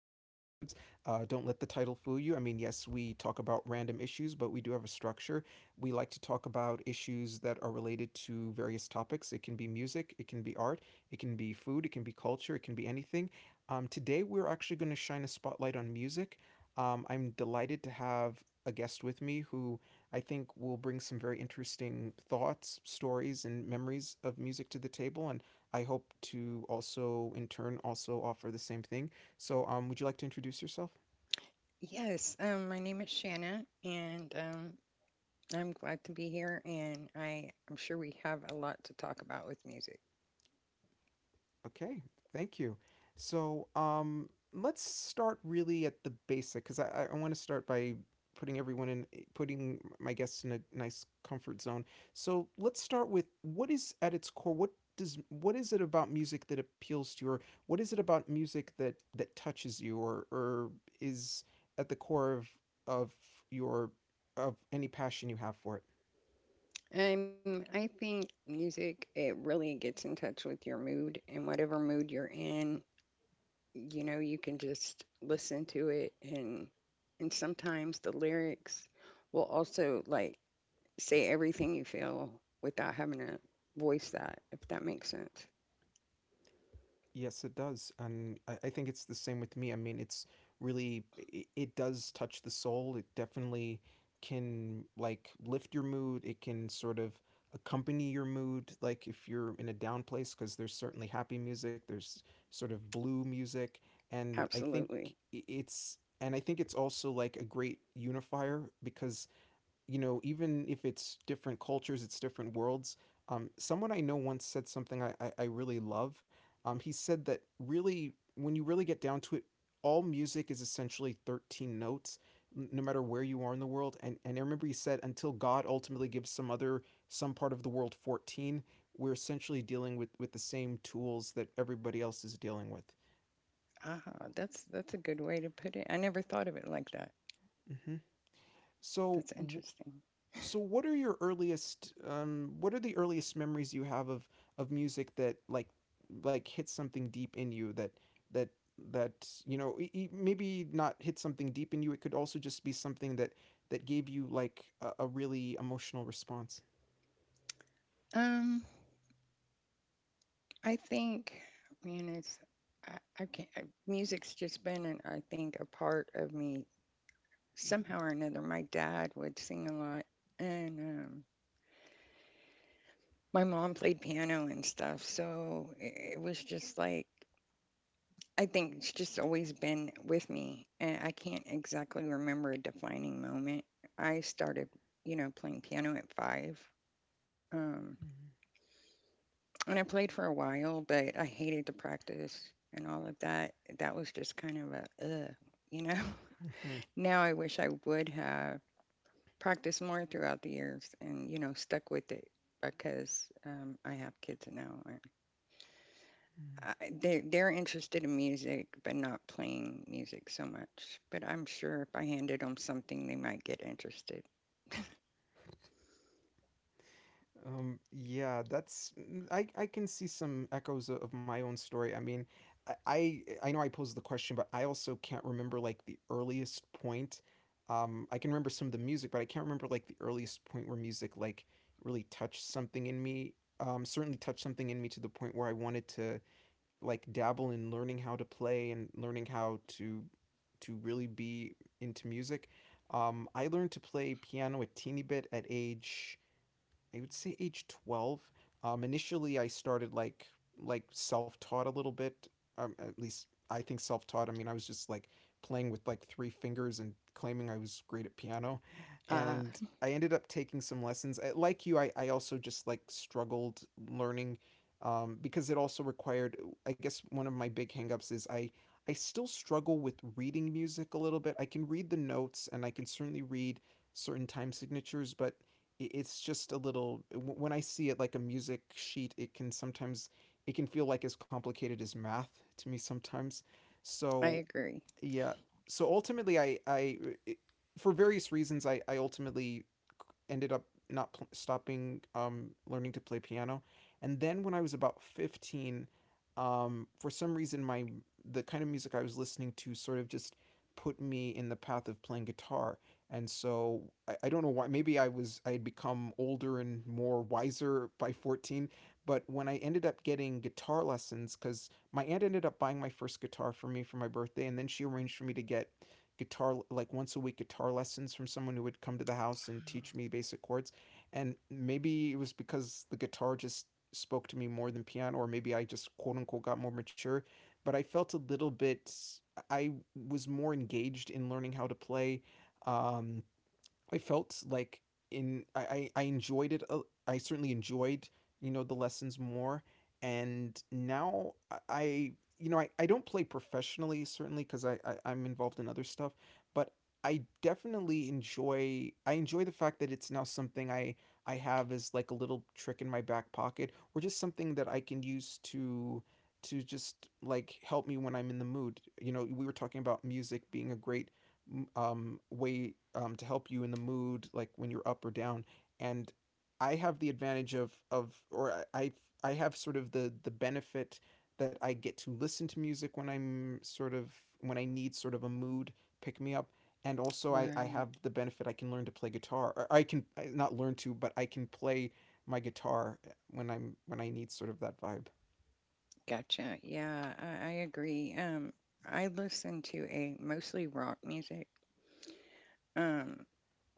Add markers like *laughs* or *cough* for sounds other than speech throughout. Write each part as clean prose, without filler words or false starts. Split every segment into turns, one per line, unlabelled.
Access Moods. Don't let the title fool you. I mean, yes, we talk about random issues, but we do have a structure. We like to talk about issues that are related to various topics. It can be music, it can be art, it can be food, it can be culture, it can be anything. Today, we're actually going to shine a spotlight on music. I'm delighted to have a guest with me who I think will bring some very interesting thoughts, stories, and memories of music to the table. And I hope to also, in turn, also offer the same thing. So, would you like to introduce yourself?
Yes, my name is Shanna, and I'm glad to be here. And I'm sure we have a lot to talk about with music.
Okay, thank you. So, let's start really at the basic because I want to start by putting everyone in, putting my guests in a nice comfort zone. So, let's start with what is at its core. What is it about music that appeals to you, or what is it about music that touches you, or is at the core of your of any passion you have for it?
I think music it really gets in touch with your mood, and whatever mood you're in, you know, you can just listen to it, and sometimes the lyrics will also like say everything you feel without having to voice that, if that makes sense.
Yes, it does. And I think it's the same with me. I mean, it's really, it does touch the soul. It definitely can, like, lift your mood. It can sort of accompany your mood, like, if you're in a down place, because there's certainly happy music, there's sort of blue music. And I think
Absolutely.
and I think it's also like a great unifier because you know, even if it's different cultures, it's different worlds. Someone I know once said something I really love. He said that really, when you really get down to it, all music is essentially 13 notes, no matter where you are in the world. And I remember he said, until God ultimately gives some other, some part of the world 14, we're essentially dealing with the same tools that everybody else is dealing with.
Ah, that's a good way to put it. I never thought of it like that.
Hmm. So,
That's
wh-
interesting.
so what are your earliest what are the earliest memories you have of music that like hits something deep in you that that you know maybe not hit something deep in you, it could also just be something that gave you like a really emotional response.
Um, I think, man, it's I can't. I, Music's just been, an, I think, a part of me somehow or another. My dad would sing a lot, and my mom played piano and stuff, so it was just like I think it's just always been with me, and I can't exactly remember a defining moment. I started, you know, playing piano at five. Um, And I played for a while, but I hated the practice and all of that. That was just kind of a, ugh, you know? *laughs*
Mhm,
Now I wish I would have practiced more throughout the years and, you know, stuck with it because I have kids now. And
mhm.
they're interested in music, but not playing music so much. But I'm sure if I handed them something, they might get interested.
Yeah, I can see some echoes of my own story. I mean, I know I posed the question, but I also can't remember like the earliest point. I can remember some of the music, but I can't remember like the earliest point where music like really touched something in me. Certainly touched something in me to the point where I wanted to like dabble in learning how to play and learning how to really be into music. I learned to play piano a teeny bit at age I would say age 12. Initially, I started like self-taught a little bit. At least I think self-taught. I mean, I was just like playing with like three fingers and claiming I was great at piano,
Ah,
and I ended up taking some lessons. I, like you, I also just like struggled learning because it also required. I guess one of my big hangups is I still struggle with reading music a little bit. I can read the notes and I can certainly read certain time signatures, but it's just a little when I see it like a music sheet it can feel like as complicated as math to me sometimes,
I
so
agree.
yeah. So ultimately I for various reasons I ultimately ended up not pl- stopping learning to play piano, and then when I was about 15, for some reason my the kind of music I was listening to sort of just put me in the path of playing guitar. And so I don't know why, maybe I had become older and more wiser by 14. But when I ended up getting guitar lessons because my aunt ended up buying my first guitar for me for my birthday, and then she arranged for me to get guitar like once a week guitar lessons from someone who would come to the house and teach me basic chords. And maybe it was because the guitar just spoke to me more than piano, or maybe I just quote unquote got more mature. But I felt a little bit. I was more engaged in learning how to play. Um, I felt like I enjoyed it. I certainly enjoyed you know the lessons more, and now I you know I don't play professionally certainly because I'm involved in other stuff, but I definitely enjoy the fact that it's now something I have as like a little trick in my back pocket, or just something that I can use to just like help me when I'm in the mood. You know, we were talking about music being a great way to help you in the mood, like when you're up or down. And I have the advantage of or I I've- sort of the benefit that I get to listen to music when I'm when I need sort of a mood pick me up. And also, I
Right.
have the benefit I can learn to play guitar. Or I can not learn to, but I can play my guitar when I'm when I need sort of that vibe.
Gotcha. Yeah, I agree. I listen to a mostly rock music. Um,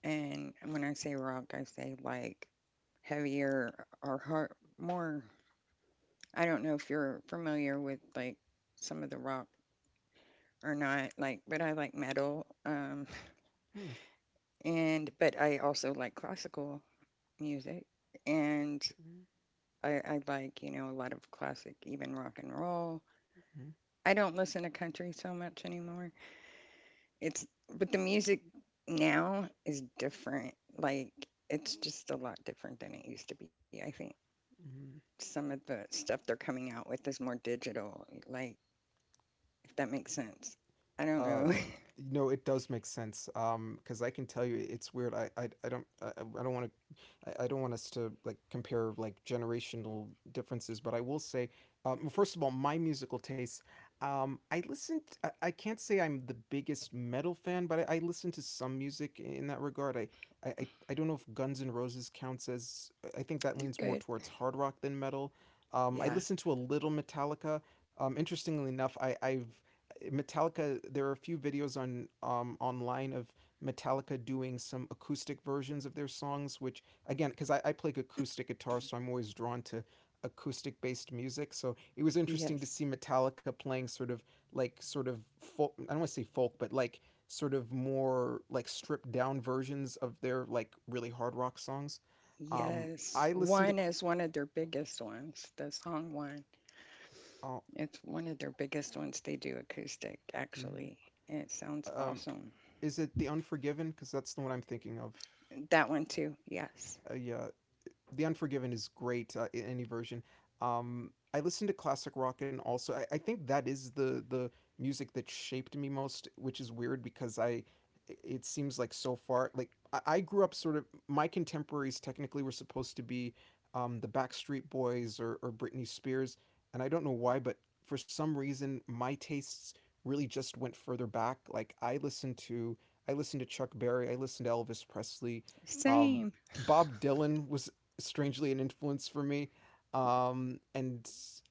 and when I say rock, I say like heavier or hard, more. I don't know if you're familiar with like some of the rock or not. Like, but I like metal.
Hmm.
*laughs* And but I also like classical music, and
Mhm.
I like, you know, a lot of classic, even rock and roll.
Mhm.
I don't listen to country so much anymore. It's but the music now is different. Like it's just a lot different than it used to be. I think some of the stuff they're coming out with is more digital. Like if that makes
Mhm.
sense. I don't
Uh,
know. *laughs*
no, it does make sense. Because I can tell you, it's weird. I don't want to, I don't want us to like compare like generational differences. But I will say, well, first of all, my musical tastes. I listened. I can't say I'm the biggest metal fan, but I listen to some music in that regard. I don't know if Guns N' Roses counts as. I think that
They're
leans more
good.
towards hard rock than metal. I
Yeah.
listened to a little Metallica. Interestingly enough, I, I've Metallica. There are a few videos on online of Metallica doing some acoustic versions of their songs, which again, because I play acoustic guitar, so I'm always drawn to acoustic based music. So it was interesting to
Yes.
see Metallica playing sort of folk. I don't want to say folk, but sort of more like stripped down versions of their like really hard rock songs.
Yes.
I listen to.
One
Cl-
is one of their biggest ones. The song one.
oh,
It's one of their biggest ones they do acoustic
mhm.
actually. And it sounds
um,
awesome.
is it The Unforgiven? Because that's the one I'm thinking of.
That one too. Yes.
Yeah, The Unforgiven is great in any version. I listen to classic rock, and also I think that is the music that shaped me most, which is weird because I it seems like so far like I grew up sort of my contemporaries technically were supposed to be the Backstreet Boys or Britney Spears, and I don't know why, but for some reason my tastes really just went further back. I listened to Chuck Berry, I listened to Elvis Presley, um,
Same.
Bob Dylan was strangely an influence for me, um and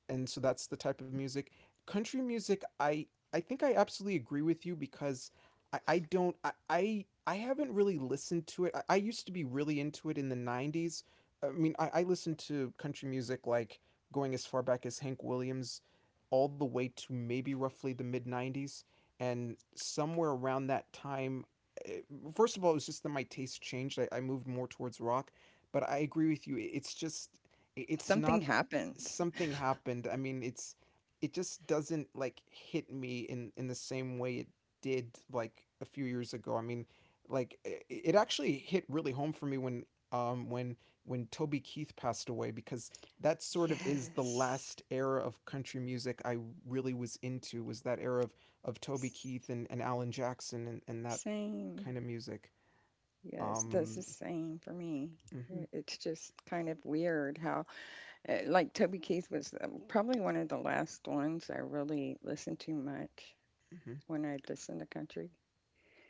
and so that's the type of music. Country music I think I absolutely agree with you because I don't I haven't really listened to it. I used to be really into it in the 90s. I mean, I listened to country music like going as far back as Hank Williams, all the way to maybe roughly the mid 90s. And somewhere around that time, eh, first of all it was just that my taste changed, I moved more towards rock. But I agree with you. It's just it's
Something
not.
happened.
Something happened. I mean, it's it just doesn't like hit me in the same way it did like a few years ago. I mean, like it actually hit really home for me when um when when Toby Keith passed away, because that sort of is the
Yes.
last era of country music I really was into, was that era of Toby Keith
S-
and Alan Jackson and that
Same.
kind of music.
Yes, that's the
Um,
same for me.
mhm,
I- It's just kind of weird how, like, Toby Keith was probably one of the last ones I really listened to much
mhm,
when I listened to country.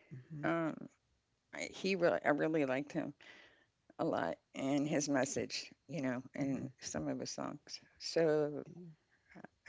mhm.
Um, he really, I really liked him a lot and his message, you know,
Mhm.
and some of his songs. So
Yeah.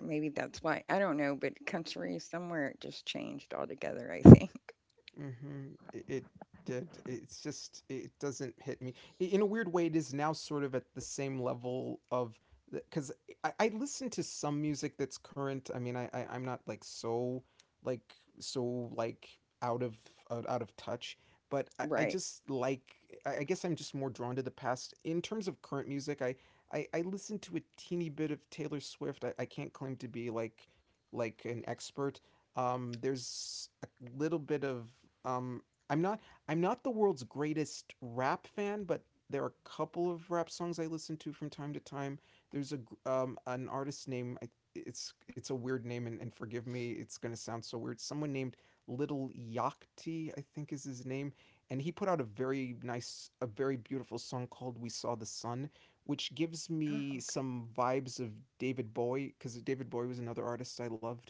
maybe that's why. I don't know, but country somewhere it just changed altogether, I think. *laughs*
Mhm. It did. It's just it doesn't hit me in a weird way. It is now sort of at the same level of, because I listen to some music that's current. I mean, I'm not like like so like out of out of touch. But I
Right.
just like I guess I'm just more drawn to the past in terms of current music. I listen to a teeny bit of Taylor Swift. I can't claim to be like an expert. There's a little bit of um, I'm not I'm not the world's greatest rap fan, but there are a couple of rap songs I listen to from time to time. There's a an artist name it's a weird name, and forgive me, it's going to sound so weird. Someone named Little Yachty, I think is his name, and he put out a very nice, a very beautiful song called We Saw the Sun, which gives
Oh, okay.
me some vibes of David Bowie, because David Bowie was another artist I loved.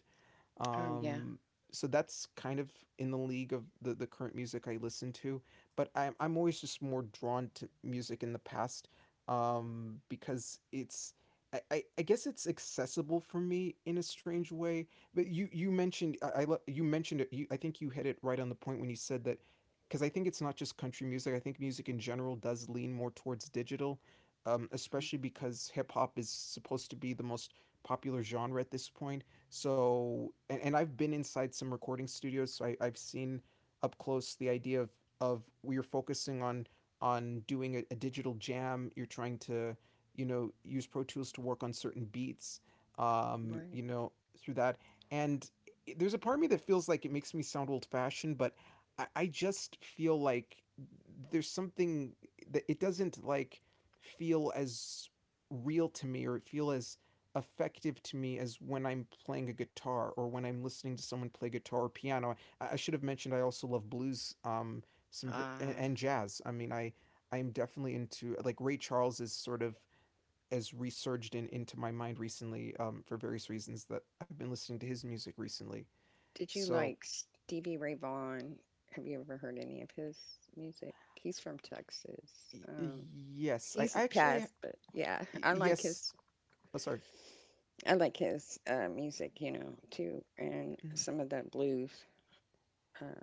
Oh, yeah.
Um, so that's kind of in the league of the current music I listen to, but I'm always just more drawn to music in the past, because it's I guess it's accessible for me in a strange way. But you mentioned you mentioned it. You, I think you hit it right on the point when you said that, because I think it's not just country music. I think music in general does lean more towards digital, especially because hip hop is supposed to be the most popular genre at this point. So, and I've been inside some recording studios, so I've seen up close the idea of we are focusing on doing a digital jam. You're trying to, you know, use Pro Tools to work on certain beats,
Right.
you know, through that. And there's a part of me that feels like it makes me sound old fashioned, but I just feel like there's something that it doesn't like feel as real to me or feel as effective to me as when I'm playing a guitar or when I'm listening to someone play guitar or piano. I should have mentioned I also love blues, some and,
Uh,
and jazz. I mean, I am definitely into like Ray Charles is sort of as resurged into my mind recently, for various reasons that I've been listening to his music recently.
did you
So
like Stevie Ray Vaughan? Have you ever heard any of his music? He's from Texas.
y-
Um,
yes, I,
he's
I actually
passed, but yeah,
yes. Oh, sorry.
I like his music, you know, too, and
Mm-hmm.
some of the blues. Uh,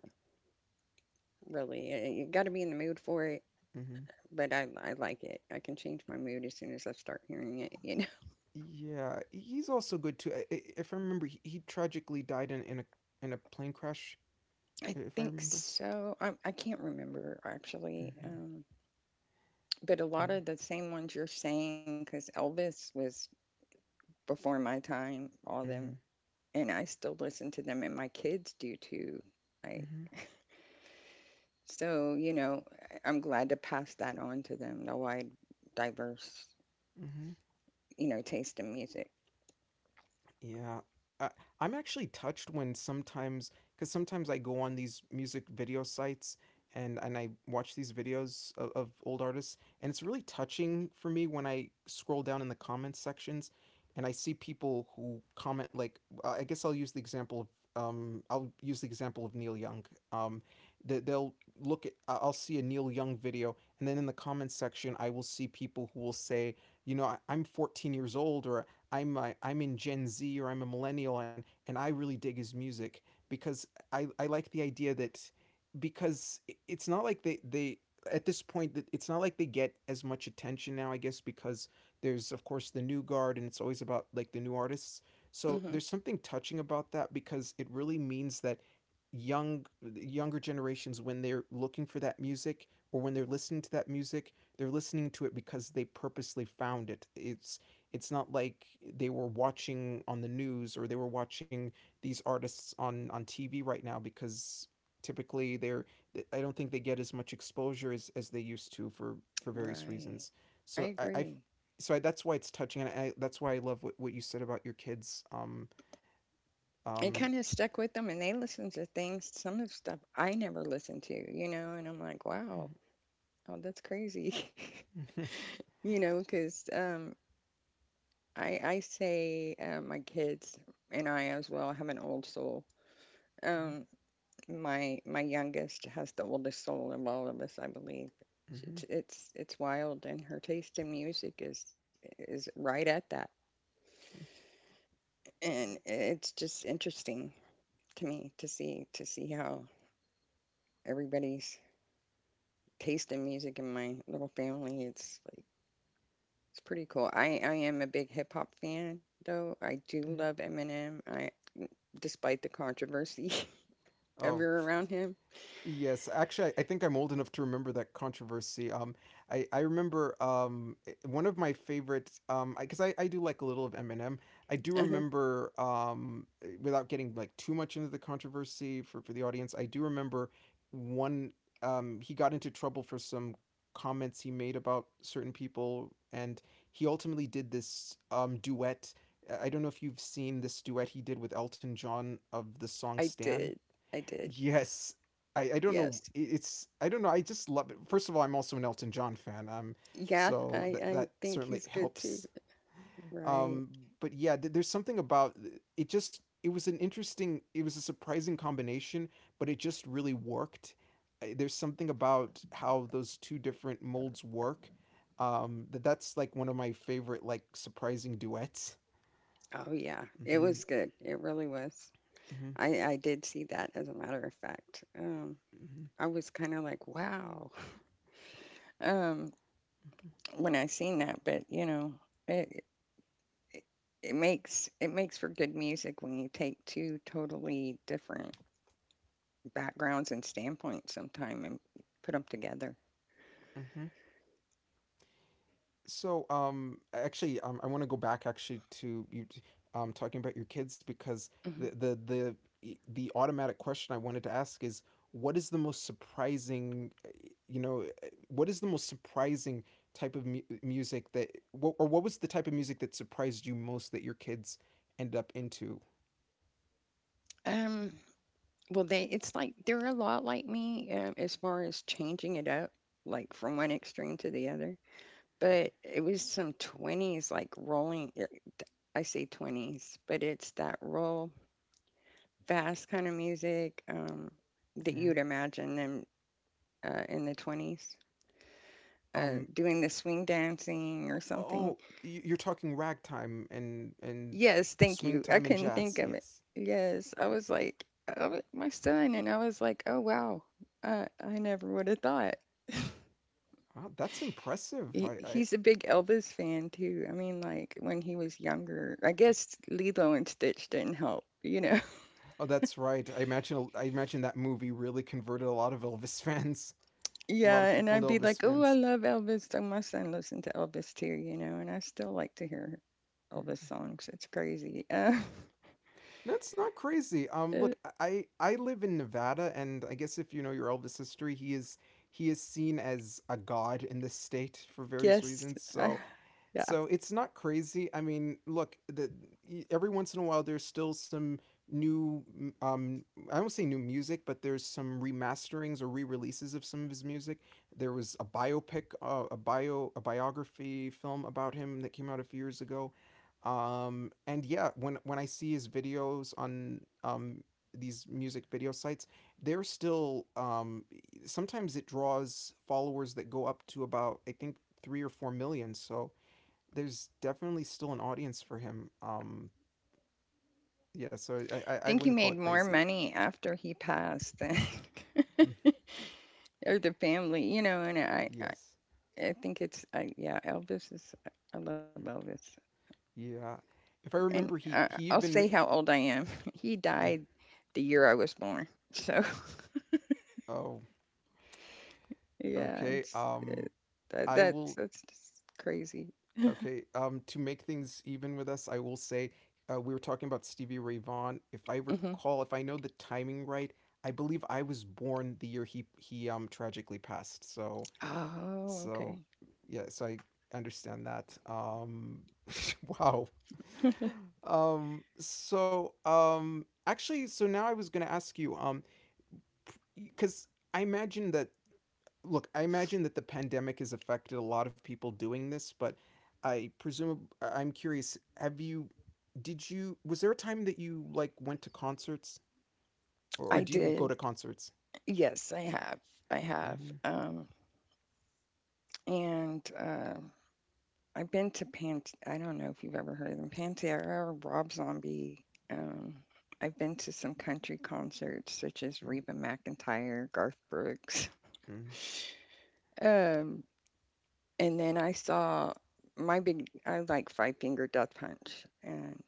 really, you got to be in the mood for it.
Mm-hmm.
But I like it. I can change my mood as soon as I start hearing it. You know,
Yeah, he's also good too. If I remember, he tragically died in a plane crash,
*laughs* I
if I
think
remember.
so. I can't remember actually.
Mm-hmm.
But a lot
Mm-hmm.
of the same ones you're saying, because Elvis was before my time, all them,
Mm-hmm.
and I still listen to them, and my kids do too. Like,
Mm-hmm.
so, you know, I'm glad to pass that on to them, the wide, diverse,
Mm-hmm.
you know, taste in music.
Yeah. I, I'm actually touched when sometimes, because sometimes I go on these music video sites, and I watch these videos of old artists, and it's really touching for me when I scroll down in the comments sections and I see people who comment, like, I guess I'll use the example of. I'll use the example of Neil Young. Um, they'll look at, I'll see a Neil Young video, and then in the comments section, I will see people who will say, you know, I'm 14 years old, or I'm in Gen Z, or I'm a millennial, and I really dig his music because I like the idea that, because it's not like they at this point, that it's not like they get as much attention now, I guess, because there's of course the new guard, and it's always about like the new artists. So
Hmm.
there's something touching about that, because it really means that young younger generations, when they're looking for that music or when they're listening to that music, they're listening to it because they purposely found it. It's not like they were watching on the news, or they were watching these artists on TV right now, because typically they're, I don't think they get as much exposure as they used to for various
Right.
reasons.
I
So
agree.
that's why it's touching, and that's why I love what you said about your kids. Um
It
um
kind of stuck with them, and they listen to things, some of the stuff I never listened to, you know, and I'm like, wow, oh, that's crazy,
*laughs*
*laughs* you know, because I say my kids and I as well have an old soul. Um, my youngest has the oldest soul of all of us, I believe. It's wild, and her taste in music is right at that, and it's just interesting to see how everybody's taste in music in my little family. It's like it's pretty cool. I am a big hip hop fan though. I do love Eminem. I despite the controversy. *laughs*
Oh,
Ever around him?
yes, actually, I think I'm old enough to remember that controversy. I remember, one of my favorite, because 'cause I do like a little of Eminem. I do
Uh-huh.
remember, without getting like too much into the controversy for the audience. I do remember one, he got into trouble for some comments he made about certain people, and he ultimately did this duet. I don't know if you've seen this duet he did with Elton John of the song
I
Stan.
did. I did.
Yes. I don't know.
Yes.
It's I don't know. I just love it. First of all, I'm also an Elton John fan. Um,
Yeah,
so that
I
that
think
certainly
he's good too.
helps.
Right.
Um, but yeah, there's something about it. Just it was an interesting. It was a surprising combination, but it just really worked. There's something about how those two different molds work. That that's like one of my favorite like surprising duets.
Oh yeah. It
Hmm.
was good. It really was.
Hmm.
I did see that as a matter of fact. Um,
Hmm.
I was kind of like, wow. *laughs* Um, when I seen that, but you know, it it it makes for good music when you take two totally different backgrounds and standpoints sometime and put them together.
Hmm. So, actually, I want to go back actually to you, talking about your kids because the
Mhm.
the the the automatic question I wanted to ask is what is the most surprising, you know, what is the most surprising type of music that, or what was the type of music that surprised you most that your kids ended up into?
Um, well, they it's like they're a lot like me as far as changing it up, like from one extreme to the other. But it was some 20s, like rolling. I say 20s, but it's that roll fast kind of music that
Mhm.
you'd imagine them in the 20s.
Um,
Doing the swing dancing or something.
oh, you're talking ragtime and
Yes, thank
swing
you. I
time and
couldn't think
jazz.
of it.
Yes.
Yes, I was like, oh, my son, and I was like, oh wow, I never would have thought. *laughs*
Wow, that's impressive.
He's a big Elvis fan too. I mean, like when he was younger, I guess Lilo and Stitch didn't help, you know? *laughs*
Oh, that's right. I imagine that movie really converted a lot of Elvis *laughs* fans, a lot
Yeah,
of
and
people into
I'd be
Elvis
like, oh, I
fans.
love Elvis. So my son listened to Elvis too, you know, and I still like to hear Elvis songs. It's crazy.
No, it's not crazy.
*laughs* Uh,
Look, I live in Nevada, and I guess if you know your Elvis history, he is seen as a god in this state for various
yes,
reasons.
I,
So,
yeah. I
It's not crazy. I mean, look, every once in a while there's still some new, I don't say new music, but there's some remasterings or re-releases of some of his music. There was a biopic, a a biography film about him that came out a few years ago. And yeah, when I see his videos on, these music video sites, they're still, sometimes it draws followers that go up to about, I think, 3 or 4 million. So there's definitely still an audience for him. Yeah, so I
think he
wouldn't call it
made more
crazy.
money after he passed than
Mm,
*laughs* or the family, you know, and
yes.
I think it's, yeah, I love
Mm,
Elvis.
yeah. If I
And
remember, he
I'll say
even
how old I am. *laughs* He
mm,
died the year I was born. So,
oh,
*laughs* yeah,
okay.
it's it, that
I
that's
will,
that's just crazy.
okay. To make things even with us, I will say, we were talking about Stevie Ray Vaughan. If I
Hmm.
recall, if I know the timing right, I believe I was born the year tragically passed. So,
Oh,
So
okay.
yeah, so I understand that. *laughs* Wow. Actually, so now I was gonna ask you, because I imagine that. Look, I imagine that the pandemic has affected a lot of people doing this, but I presume am curious. Have you? Did you? Was there a time that you like went to concerts, or
I
do you go
did.
to concerts?
Yes, I have. I have.
Mm-hmm.
And I've been to Pan. I don't know if you've ever heard of them. Pantera, Rob Zombie. Um, I've been to some country concerts such as
Mm-hmm.
Reba McEntire, Garth Brooks. *laughs*
Mm-hmm.
Um, And then I saw my big, I like Five Finger Death Punch, and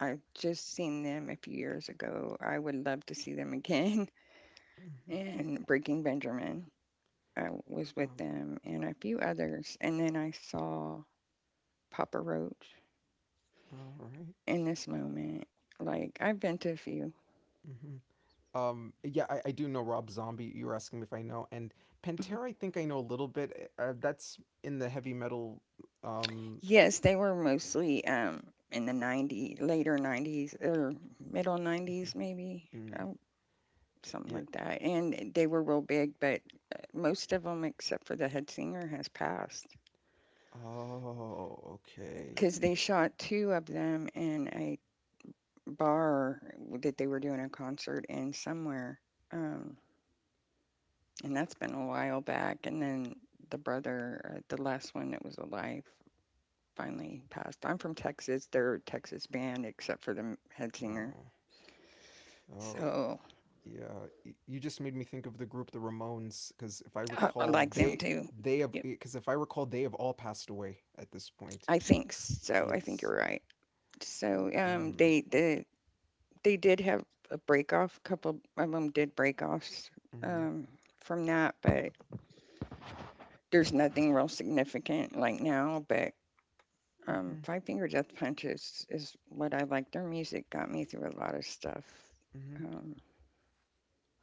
I've just seen them a few years ago. I would love to see them again. *laughs*
Mm-hmm.
And Breaking Benjamin, I was with
Um.
them, and a few others. And then I saw Papa Roach
All right.
in this moment. Like, I've been to a few.
Mm-hmm. Yeah, I do know Rob Zombie. You were asking me if I know, and
Mhm.
Pantera. I think I know a little bit. That's in the heavy metal. Um,
Yes, they were mostly in the 90s, later 90s or middle
mhm,
90s maybe.
mm,
Something
yeah.
like that. And they were real big, but most of them, except for the head singer, has passed
Oh, okay.
because they shot two of them in a bar that they were doing a concert in somewhere. Um, and that's been a while back. And then the brother, the last one that was alive, finally passed. I'm from Texas. They're a Texas band, except for the head singer.
Oh, oh,
So
yeah. You just made me think of the group, the Ramones, because if I
I
recall,
like them too.
they have
Yep.
because if I recall, they have all passed away at this point.
I think so. I think
Yes.
you're right. So
Mm-hmm.
they did have a break off. Couple of them did break offs
Mm-hmm.
um, from that, but there's nothing real significant like now. But
Mm-hmm.
Five Finger Death Punch is what I like. Their music got me through a lot of stuff.
Mm-hmm.
Um,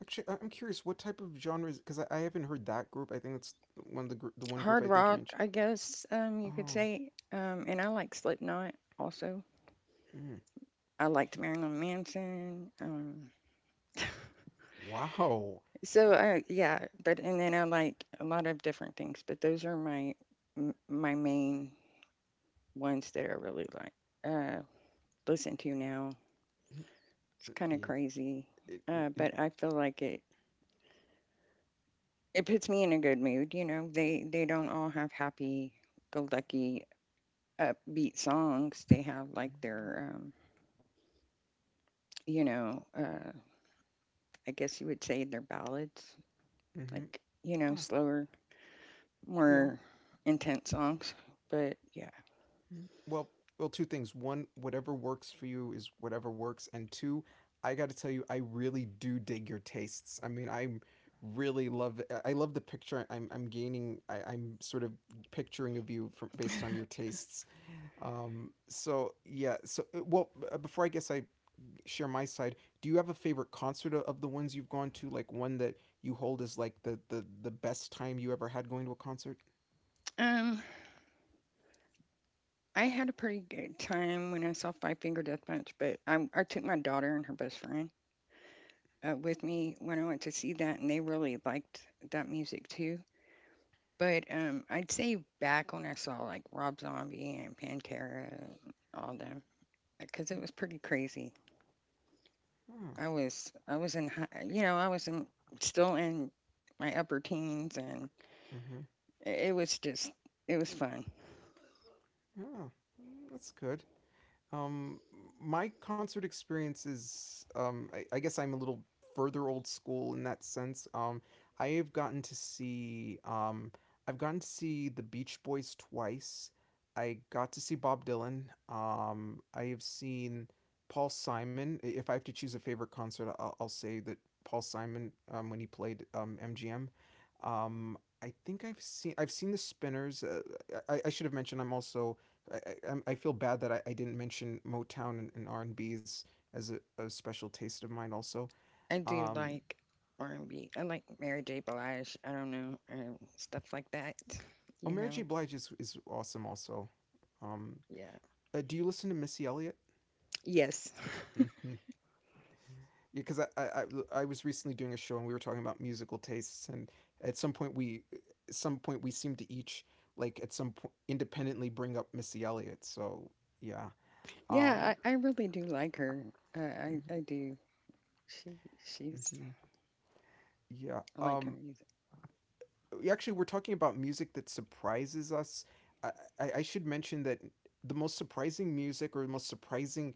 Actually, am curious what type of genres because I haven't heard that group. I think that's one of the the one group
hard
I think you
rock,
mentioned.
I guess you could
Oh,
say. And I like Slipknot also.
mm,
I liked Marilyn Manson.
wow.
Yeah, but and then I like a lot of different things, but those are my main ones that I really like uh, listen to now. It's kind of
It,
crazy,
it,
but I feel like it puts me in a good mood. You know, they don't all have happy go lucky upbeat songs. They have like their you know, I guess you would say their ballads,
hmm.
like you know
Oh,
slower,
yeah.
more intense songs. But yeah,
Mm. Well, two things. One, whatever works for you is whatever works, and two, I got to tell you, I really do dig your tastes. I mean, I love the picture I'm gaining I'm sort of picturing of you from based on your tastes. So yeah, so before I guess I share my side, do you have a favorite concert of the ones you've gone to, like one that you hold as like the best time you ever had going to a concert?
um, I had a pretty good time when I saw Five Finger Death Punch, but I took my daughter and her best friend with me when I went to see that, and they really liked that music too. But I'd say back when I saw like Rob Zombie and Pantera, and all them, because it was pretty crazy.
Oh,
I was in you know I was in still in my upper teens, and
mm-hmm.
it was just it was fun.
Oh, mm, that's good. Um, my concert experience is, I guess I'm a little further old school in that sense. I have gotten to see, um, I've gotten to see the Beach Boys twice. I got to see Bob Dylan. I have seen Paul Simon. If I have to choose a favorite concert, I'll say that Paul Simon when he played MGM. I think I've seen the Spinners. I should have mentioned I'm also I, I, I feel bad that I didn't mention Motown and R&B's as a special taste of mine also.
I do
Um,
like R and B. I like Mary J. Blige. I don't know, stuff like that.
oh,
You
Mary J.
know,
Blige is awesome also. Um,
yeah,
do you listen to Missy Elliott?
yes. *laughs*
Mm-hmm. Yeah, because was recently doing a show and we were talking about musical tastes and at some point we at some point we seemed to each like at some point independently bring up Missy Elliott. So yeah. Um,
Yeah, I, really do like her.
mhm,
I do. She she's
mhm. Yeah.
I like her music.
Actually we're talking about music that surprises us. I, I should mention that the most surprising music or the most surprising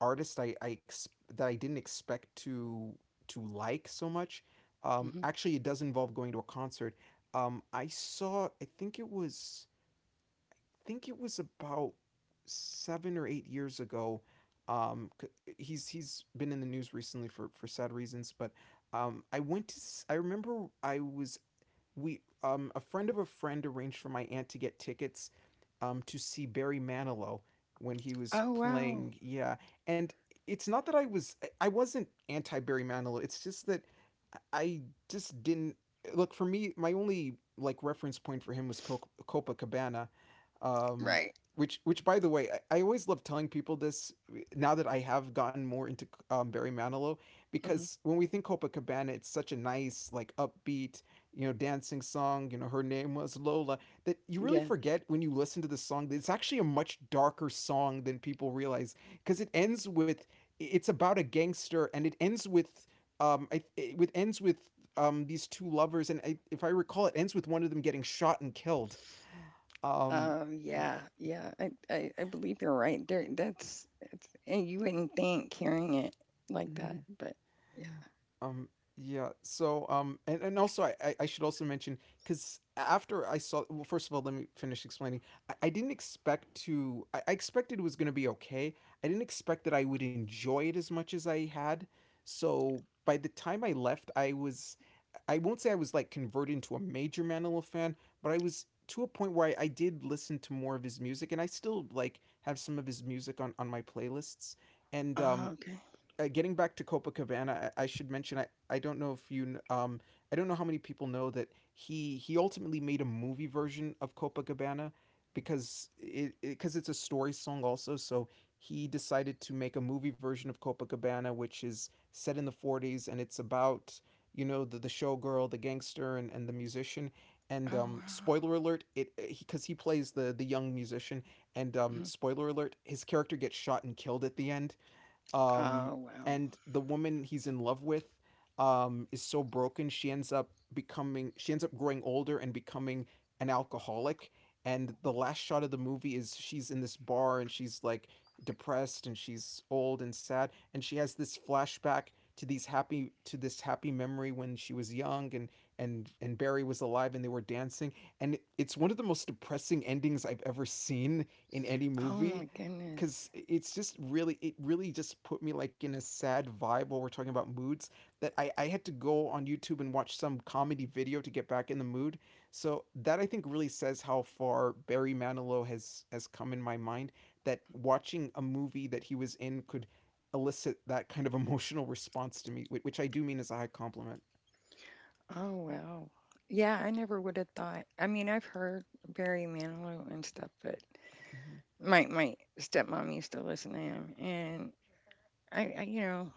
artist that I didn't expect to like so much.
Hmm.
Actually, it does involve going to a concert. I saw. I think it was about 7 or 8 years ago. He's been in the news recently for sad reasons, but I went to. I remember I was we a friend of a friend arranged for my aunt to get tickets to see Barry Manilow when he was
Oh wow.
playing. Yeah, and it's not that I wasn't anti Barry Manilow. It's just that I just didn't look. For me, my only like reference point for him was Copa Copacabana um,
Right.
which by the way, I always love telling people this now that I have gotten more into Barry Manilow,
Hmm.
because when we think Copacabana, it's such a nice like upbeat you know dancing song. You know, her name was Lola, that you really
Yeah.
forget when you listen to the song that it's actually a much darker song than people realize, because it ends with it's about a gangster and it ends with um I, it with- ends with these two lovers, and I, if I recall, it ends with one of them getting shot and killed. Um,
Yeah. Yeah. I believe you're right. There. That's. It's. And you wouldn't think hearing it like
mm-hmm.
that, but yeah.
Um, yeah. So, and also I should also mention because after I saw, well, first of all, let me finish explaining. I didn't expect to. I expected it was going to be okay. I didn't expect that I would enjoy it as much as I had. So by the time I left, I was. I won't say I was like converted into a major Manilow fan, but I was to a point where I did listen to more of his music, and I still like have some of his music on my playlists. And
Oh okay.
getting back to Copacabana, I should mention I don't know if you I don't know how many people know that he ultimately made a movie version of Copacabana because it's a story song also, so he decided to make a movie version of Copacabana, which is set in the 40s. And it's about you know the showgirl, the gangster, and the musician. And
Oh
um,
wow.
spoiler alert, it because he plays the young musician. And um,
Mhm.
spoiler alert, his character gets shot and killed at the end. Um,
Oh wow.
and the woman he's in love with, is so broken she ends up becoming she ends up growing older and becoming an alcoholic. And the last shot of the movie is she's in this bar and she's like depressed and she's old and sad, and she has this flashback to these happy to this happy memory when she was young, and Barry was alive and they were dancing. And it's one of the most depressing endings I've ever seen in any
Oh
movie,
my goodness.
because it's just really it really just put me like in a sad vibe. While we're talking about moods, I had to go on YouTube and watch some comedy video to get back in the mood. So that I think really says how far Barry Manilow has come in my mind, that watching a movie that he was in could elicit that kind of *laughs* emotional response to me which I do mean as a high compliment.
Oh wow. Yeah. I never would have thought. I've heard Barry Manilow and stuff, but
Mhm,
my stepmom used to listen to him, and I, I you know,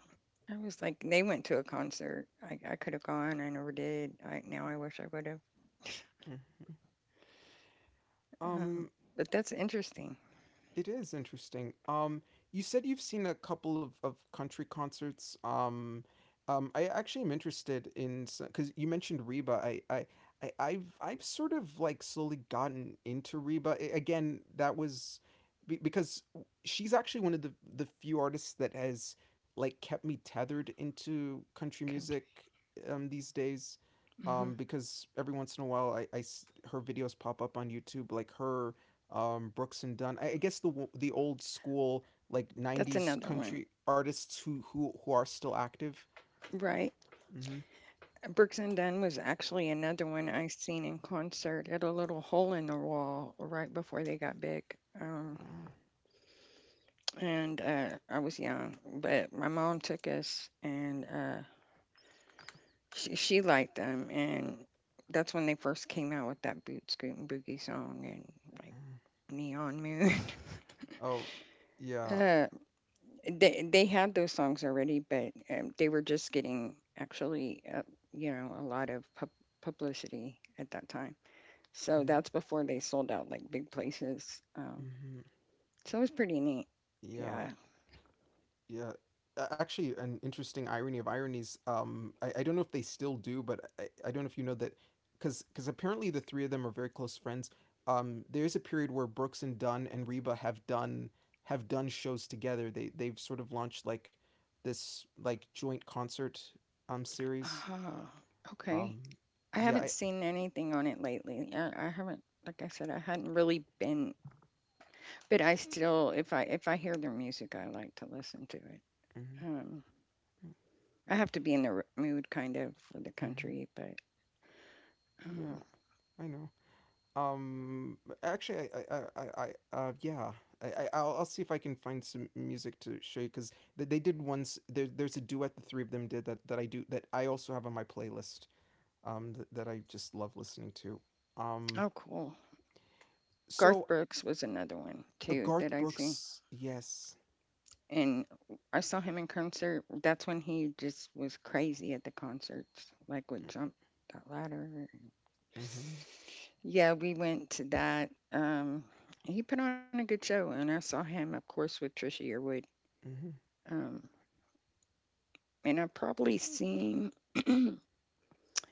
I was like, they went to a concert. I could have gone. I never did. I now I wish I would have. *laughs*
mhm.
Um,
Um,
but that's interesting.
it is interesting. You said you've seen a couple of country concerts. I actually am interested in because you mentioned Reba. I've sort of like slowly gotten into Reba again. That was because she's actually one of the few artists that has like kept me tethered into country
Country.
music these days.
Hmm.
Because every once in a while, her videos pop up on YouTube, like her Brooks and Dunn. I guess the old school like
That's
'90s
another one,
country artists who are still active.
right?
Mm-hmm.
Brooks and Dunn was actually another one I seen in concert at a little hole in the wall right before they got big. Um, and I was young, but my mom took us, and she liked them, and that's when they first came out with that boot scootin' boogie song and like Neon Moon.
Oh
*laughs*
yeah.
uh, they had those songs already, but they were just getting actually a lot of publicity at that time. So that's before they sold out like big places.
Mm-hmm.
So it was pretty neat.
Yeah.
Yeah.
Yeah. Actually, an interesting irony of ironies. I don't know if they still do, but I don't know if you know that, because apparently the three of them are very close friends. There is a period where Brooks and Dunn and Reba have done shows together. They they've sort of launched like this like joint concert series.
Ah, okay.
Um,
I
yeah,
haven't seen anything on it lately. I haven't, like I said, I hadn't really been, but I still, if I hear their music, I like to listen to it.
mhm,
Um, I have to be in the mood kind of for the
mhm,
country, but
yeah,
um,
I know. Um, actually, I yeah, I'll see if I can find some music to show you because they did once. There's a duet the three of them did that I do that I also have on my playlist. That I just love listening to. Um,
oh, cool. Garth
so
Brooks was another one too that
Garth
I see,
Brooks, yes,
and I saw him in concert. That's when he just was crazy at the concerts, like would jump that ladder.
mm-hmm,
Yeah, we went to that. He put on a good show, and I saw him, of course, with Trisha Yearwood. Um, and I've probably seen. *clears throat*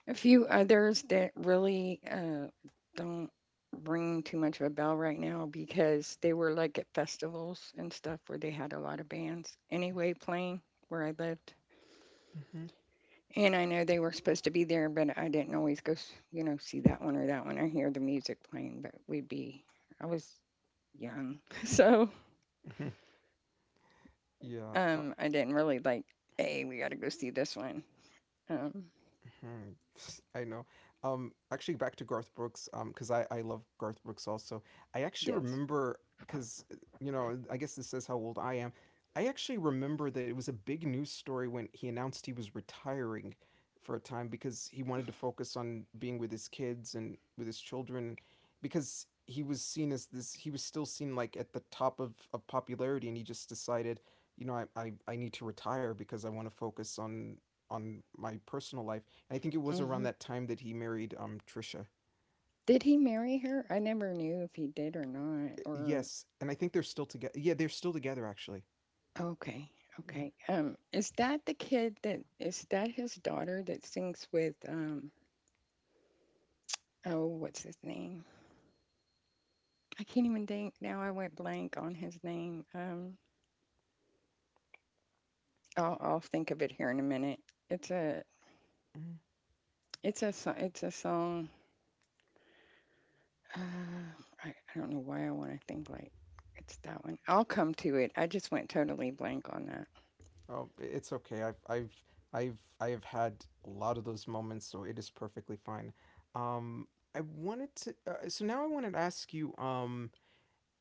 A few others that really don't ring too much of a bell right now because they were like at festivals and stuff where they had a lot of bands anyway playing where I lived.
mm-hmm,
And I know they were supposed to be there, but I didn't always go, see that one or that one. I hear the music playing, but we'd be, I was young. *laughs* So
mm-hmm, *laughs* yeah.
I didn't really like, hey, we got to go see this one. Um,
Hmm, *laughs* I know. Actually, back to Garth Brooks, because I love Garth Brooks also. I actually
yes.
remember because you know I guess this says how old I am. I actually remember that it was a big news story when he announced he was retiring for a time because he wanted to focus on being with his kids and with his children, because he was seen as this he was still seen like at the top of popularity, and he just decided you know I need to retire because I want to focus on my personal life. I think it was around
Hmm.
that time that he married Trisha.
Did he marry her? I never knew if he did or not, or
Yes, and I think they're still together. Yeah, they're still together actually.
okay. Okay. Is that the kid that is that his daughter that sings with um oh what's his name? I can't even think now I went blank on his name. Um, I'll think of it here in a minute. It's a
Mm-hmm.
it's a song. Uh, I don't know why I want to think like it's that one. I'll come to it. I just went totally blank on that.
Oh, it's okay. I have had a lot of those moments, so it is perfectly fine. Um, I wanted to. So now I wanted to ask you.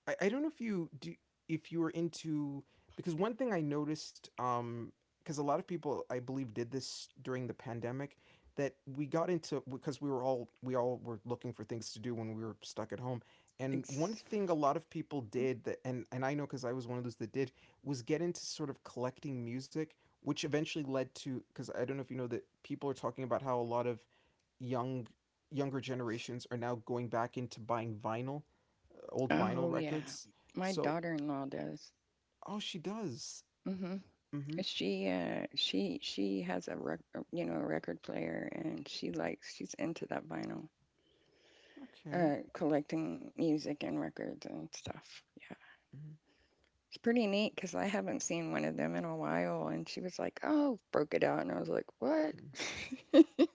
I don't know if you do if you were into because one thing I noticed because a lot of people I believe did this during the pandemic that we got into because we all were looking for things to do when we were stuck at home. And one
It's,
thing a lot of people did that and I know cuz I was one of those that did, was get into sort of collecting music, which eventually led to cuz I don't know if you know that people are talking about how a lot of young younger generations are now going back into buying vinyl, old
oh
vinyl
yeah.
records.
My
So,
daughter-in-law does.
oh, she does.
Hmm.
Mm-hmm.
She has a a record player and she likes she's into that vinyl
Okay.
collecting music and records and stuff. Yeah. It's pretty neat because I haven't seen one of them in a while and she was like, "Oh, broke it out." And I was like, "What?"
Mm-hmm.
*laughs*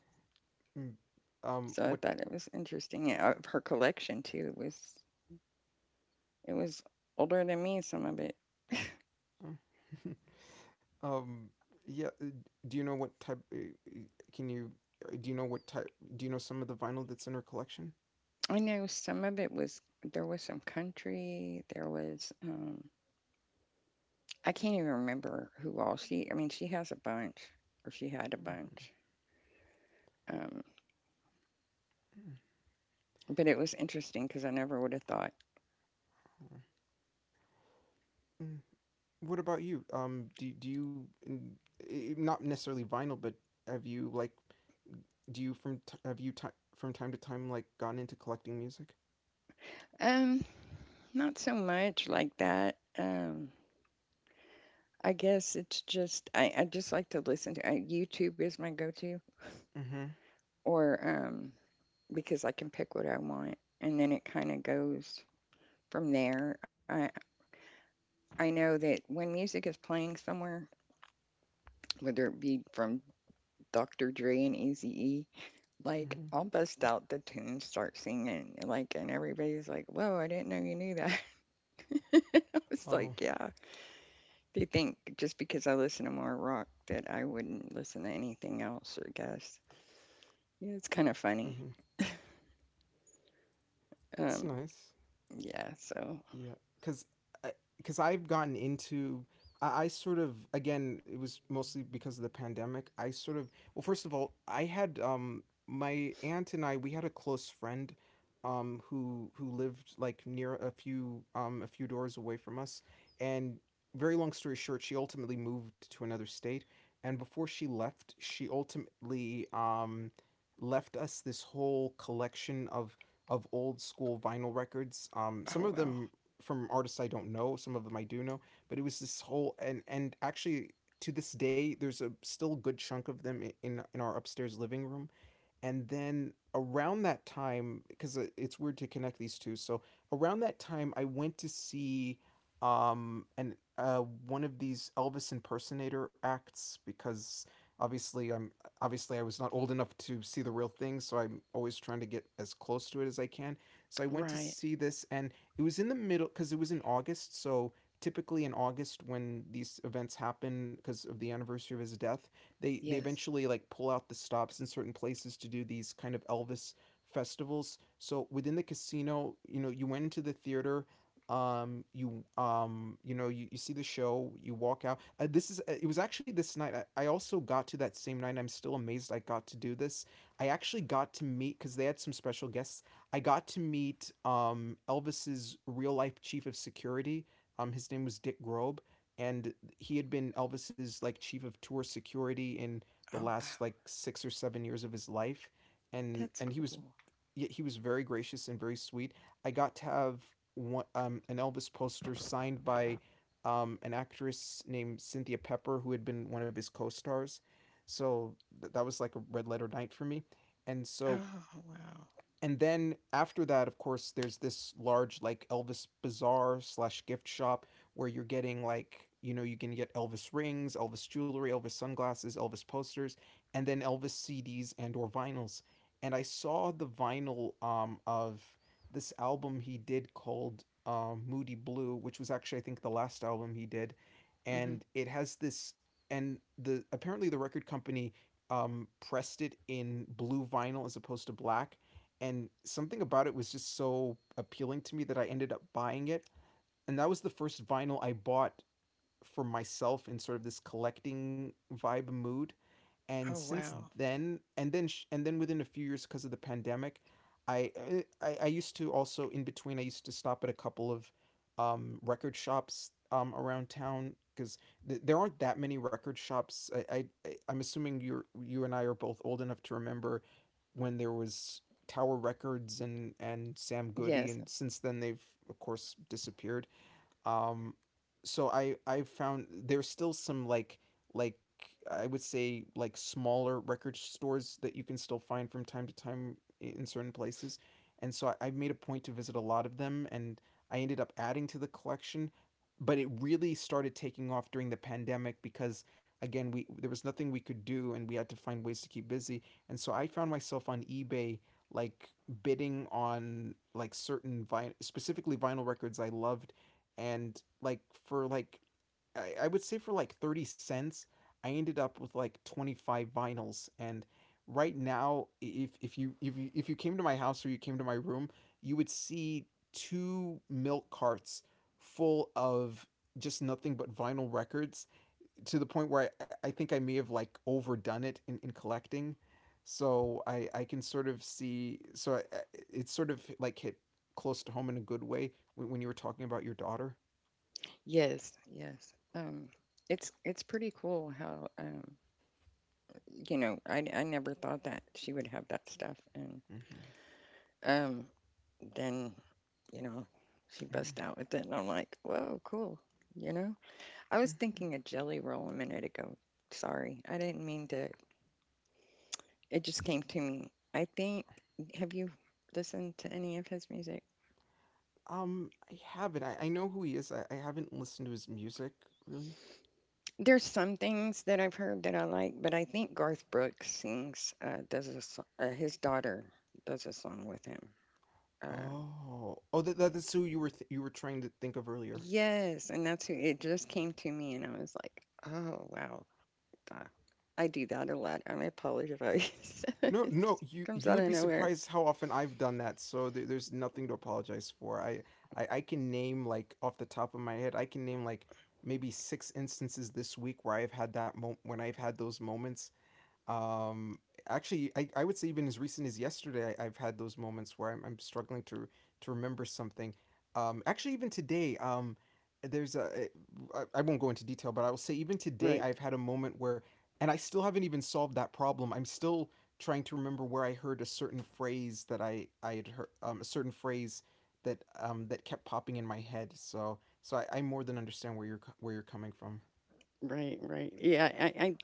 Mm.
So I
What?
thought it was interesting. Yeah, her collection too was it was older than me some of it.
*laughs* Um, yeah. Do you know what type? Uh, Can you? Do you know what type? Do you know some of the vinyl that's in her collection?
I know some of it was there was some country, there was I can't even remember who all she. She has a bunch, or she had a
Mm-hmm.
bunch. Um, but it was interesting because I never would have thought.
Mm. What about you? Do do you not necessarily vinyl, but have you like do you from t- have you ti from time to time like gone into collecting music?
Um, not so much like that. I guess it's just I just like to listen to YouTube is my go-to,
Mm-hmm.
or because I can pick what I want, and then it kind of goes from there. I know that when music is playing somewhere, whether it be from Dr. Dre and Eazy E, like
Mm-hmm.
I'll bust out the tune, start singing, like, and everybody's like, "Whoa, I didn't know you knew that." *laughs* I was
Oh.
like, "Yeah." Do you think just because I listen to more rock that I wouldn't listen to anything else? I guess. Yeah, it's kind of funny.
Mm-hmm. It's
Um,
nice.
yeah. So,
Yeah, because I've gotten into I sort of again it was mostly because of the pandemic. I sort of, well, first of all, I had my aunt and I we had a close friend who lived like near a few doors away from us. And very long story short, she ultimately moved to another state, and before she left she ultimately left us this whole collection of old school vinyl records. Some
oh
of
wow.
them from artists I don't know. Some of them I do know, but it was this whole and actually to this day, there's a still good chunk of them in our upstairs living room. And then around that time, because it's weird to connect these two. So around that time, I went to see and one of these Elvis impersonator acts because obviously I'm obviously I was not old enough to see the real thing, so I'm always trying to get as close to it as I can. So I went to
Right.
see this, and it was in the middle because it was in August. So typically in August when these events happen because of the anniversary of his death, they
Yes.
eventually like pull out the stops in certain places to do these kind of Elvis festivals. So within the casino, you know, you went into the theater, you you know, you see the show, you walk out. This is it was actually this night. I also got to that same night. And I'm still amazed I got to do this. I actually got to meet because they had some special guests. I got to meet Elvis's real life chief of security. His name was Dick Grobe, and he had been Elvis's like chief of tour security in the
Oh wow.
last like 6 or 7 years of his life, and
That's
and he was
cool.
he he was very gracious and very sweet. I got to have one an Elvis poster signed by an actress named Cynthia Pepper who had been one of his co-stars. So that was like a red letter night for me. And so
Oh wow.
and then after that, of course, there's this large like Elvis bazaar slash gift shop where you're getting like, you can get Elvis rings, Elvis jewelry, Elvis sunglasses, Elvis posters, and then Elvis CDs and or vinyls. And I saw the vinyl of this album he did called Moody Blue, which was actually I think the last album he did,
Hmm.
and it has this. And the apparently the record company pressed it in blue vinyl as opposed to black, and something about it was just so appealing to me that I ended up buying it. And that was the first vinyl I bought for myself in sort of this collecting vibe mood, and
Oh
since
wow.
then and then sh- and then within a few years, because of the pandemic, I used to also, in between, I used to stop at a couple of record shops around town, because there aren't that many record shops. I'm assuming you and I are both old enough to remember when there was Tower Records and Sam Goody,
Yes.
and since then they've of course disappeared. Um so i i found there's still some like, like I would say like smaller record stores that you can still find from time to time in certain places, and so I made a point to visit a lot of them, and I ended up adding to the collection. But it really started taking off during the pandemic because, again, we there was nothing we could do and we had to find ways to keep busy. And so I found myself on eBay, like bidding on like specifically vinyl records I loved, and like, for like, I would say for like 30 cents I ended up with like 25 vinyls. And right now, if you came to my house or you came to my room, you would see two milk carts full of just nothing but vinyl records, to the point where I think I may have like overdone it in collecting. So I can sort of see. It's sort of like hit close to home in a good way when you were talking about your daughter.
Yes. Yes. It's pretty cool how you know, I never thought that she would have that stuff. And
Mm-hmm,
um, then, you know, she
mm-hmm,
bust out with it, and I'm like, whoa, cool. You know, I was
mm-hmm. Mm-hmm.
thinking a jelly roll a minute ago. Sorry, I didn't mean to. It just came to me. I think, have you listened to any of his music?
I haven't. I know who he is. I haven't listened to his music really.
There's some things that I've heard that I like, but I think Garth Brooks sings, does a, his daughter does a song with him. Uh,
Oh, that that is who you were th- you were trying to think of earlier.
Yes, and that's who it just came to me, and I was like, oh wow, uh, I do that a lot. I apologize. *laughs* It
No, no,
just
you
comes
you
out
would
of
be
nowhere.
surprised how often I've done that. So there's nothing to apologize for. I can name like off the top of my head. I can name like maybe six instances this week where I've had that moment, when I've had those moments. Um actually I, I would say even as recent as yesterday, I've had those moments where I'm struggling to remember something. Actually, even today, there's a I won't go into detail, but I will say even today
Right,
I've had a moment where, and I still haven't even solved that problem. I'm still trying to remember where I heard a certain phrase that I had heard, a certain phrase that that kept popping in my head. So I more than understand where where you're coming from.
right. Yeah,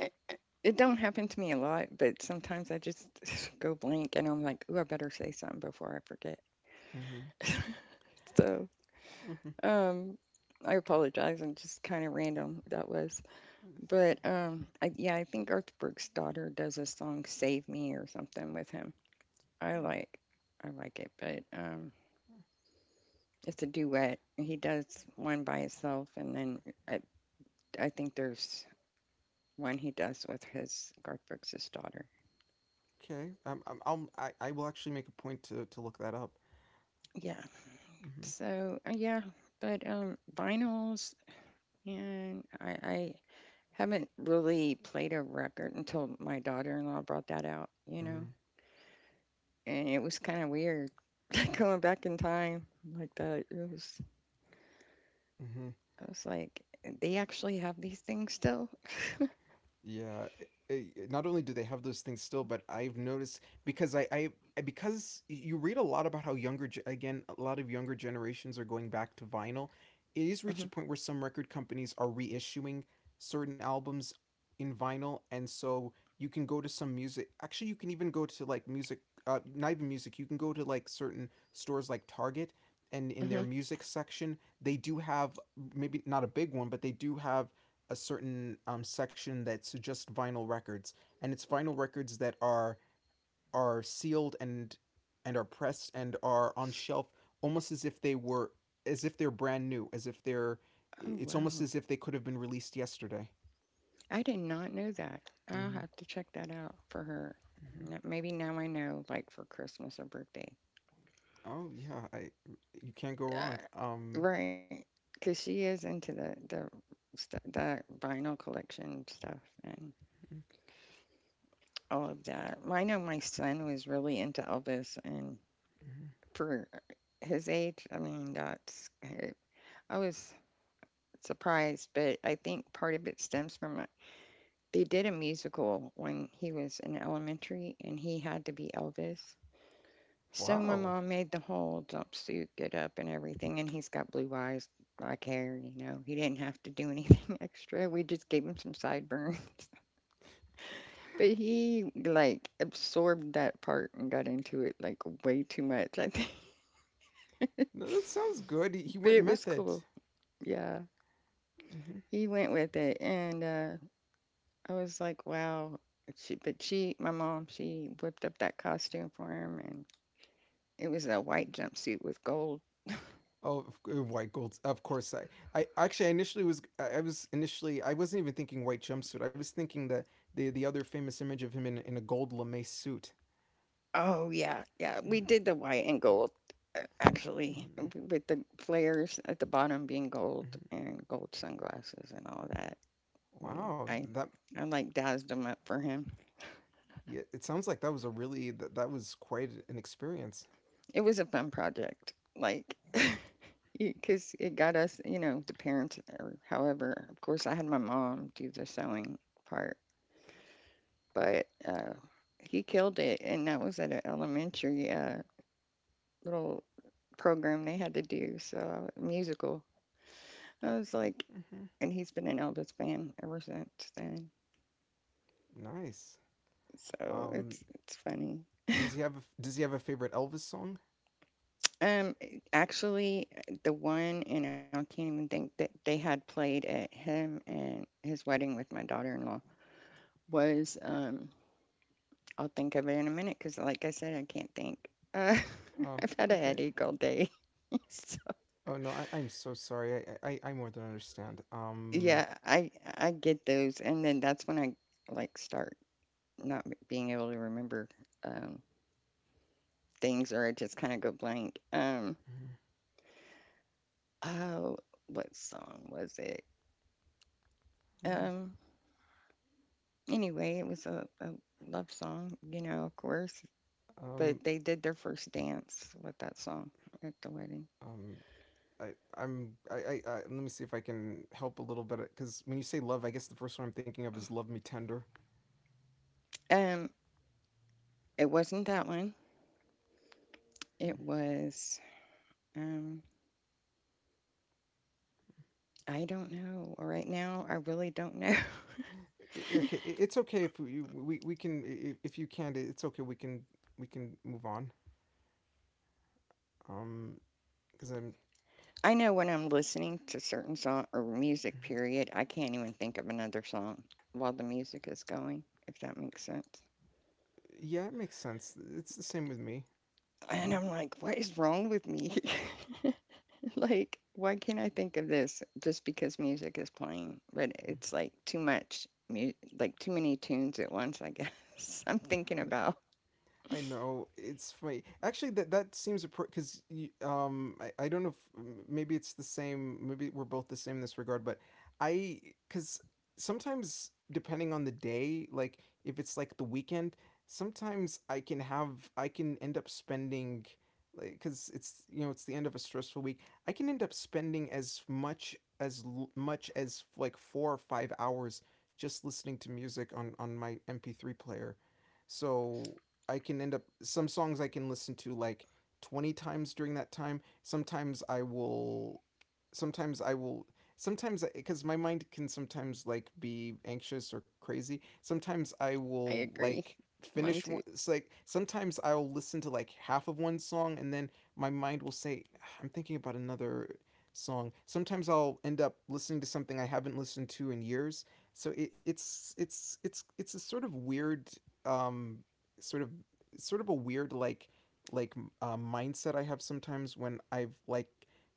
I- I- it don't happen to me a lot, but sometimes I just *sighs* go blank, and I'm like, ooh, I better say something before I forget.
Mm-hmm.
*laughs* So,
Mm-hmm.
um, I apologize. I'm just kind of random that was, but yeah, I think Garth Brooks' daughter does a song "Save Me" or something with him. I like, I like it, but it's a duet. He does one by himself, and then I I think there's one he does with his Garth Brooks's daughter.
Okay. I will actually make a point to look that up.
Yeah.
Mm-hmm.
So yeah, but vinyls, and I haven't really played a record until my daughter-in-law brought that out. You
Mm-hmm.
know, and it was kind of weird *laughs* going back in time like that. It was
Mm-hmm.
I was like, they actually have these things still.
Yeah, not only do they have those things still, but I've noticed because because you read a lot about how again, a lot of younger generations are going back to vinyl. It is reached
Hmm.
a point where some record companies are reissuing certain albums in vinyl, and so you can go to some music. Actually, you can even go to like music, not even music. You can go to like certain stores like Target, and in their
Hmm.
music section, they do have, maybe not a big one, but they do have a certain section that's just vinyl records, and it's vinyl records that are sealed and are pressed and are on shelf, almost as if they're brand new, as if they're
Oh
it's almost
wow.
as if they could have been released yesterday.
I did not know that. I'll
Mm-hmm,
have to check that out for her.
mm-hmm.
N- maybe now I know, like for Christmas or birthday.
Oh yeah, I you can't go wrong.
Uh, right, because she is into the the vinyl collection stuff and all of that. Well, I know my son was really into Elvis, and
Mm-hmm.
for his age, I mean, that's I was surprised, but I think part of it stems from they did a musical when he was in elementary, and he had to be Elvis. So my
Wow,
mom made the whole jumpsuit, get up, and everything, and he's got blue eyes, black hair. You know, he didn't have to do anything *laughs* extra. We just gave him some sideburns, *laughs* but he like absorbed that part and got into it like way too much. I think, *laughs* but
no, that sounds good. He went
it was
method.
cool. Yeah,
Mm-hmm.
he went with it, and I was like, wow. She, but she, my mom, she whipped up that costume for him, and it was a white jumpsuit with gold.
Oh, white gold. Of course, I actually I wasn't even thinking white jumpsuit. I was thinking that the other famous image of him in a gold lame suit.
Oh, yeah, yeah. We
Hmm.
did the white and gold,
Hmm.
with the flares at the bottom being gold
Hmm.
and gold sunglasses and all that. We,
Wow,
I,
that
I like dazzled them up for him.
yeah, it sounds like that was quite an experience.
It was a fun project, like, *laughs* because it got us, you know, the parents or however. Of course, I had my mom do the sewing part, but he killed it, and that was at an elementary little program they had to do, so musical. I was like,
Hmm.
and he's been an Elvis fan ever since then.
Nice.
So
Um,
it's funny.
does he have a favorite Elvis song?
Um, actually, the one and I can't even think that they had played at him and his wedding with my daughter-in-law was I'll think of it in a minute because like I said, I can't think. Uh, *laughs*
Oh,
I've had a
okay.
headache all day. *laughs* So
Oh no, I'm so sorry. I more than understand.
yeah, I get those, and then that's when I like start not being able to remember um things or I just kind of go blank. Oh, what song was it?
Mhm.
Um, anyway, it was a love song, you know, of course.
um,
But they did their first dance with that song at the wedding.
um, I, I let me see if I can help a little bit, because when you say love, I guess the first one I'm thinking of is "Love Me Tender."
Um, it wasn't that one. It was um, I don't know. Right now, I really don't know. *laughs*
Okay, it's okay if if you can't, it's okay. We can move on. Um, because I'm
I know when I'm listening to certain song or music, period, I can't even think of another song while the music is going, if that makes sense.
yeah, it makes sense. It's the same with me.
And
Mm-hmm.
I'm like, what is wrong with me? *laughs* Like, why can't I think of this just because music is playing? But it's like too like too many tunes at once, I guess. *laughs* I'm thinking about.
I know it's funny. Actually, that seems appropriate because I don't know if maybe it's the same. Maybe we're both the same in this regard. But I because sometimes, depending on the day, like if it's like the weekend, sometimes I can end up spending, like, because it's you know it's the end of a stressful week, I can end up spending as much as like 4 or 5 hours just listening to music on my MP3 player. So I can end up, some songs I can listen to like 20 times during that time. Sometimes I will sometimes I will sometimes, because my mind can sometimes like be anxious or crazy, Sometimes I
I
will
agree.
like
Mine
finish one
too.
it's like sometimes I'll listen to like half of one song and then my mind will say I'm thinking about another song. Sometimes I'll end up listening to something I haven't listened to in years. So it, it's a sort of weird, um sort of sort of a weird, like mindset I have sometimes when I've like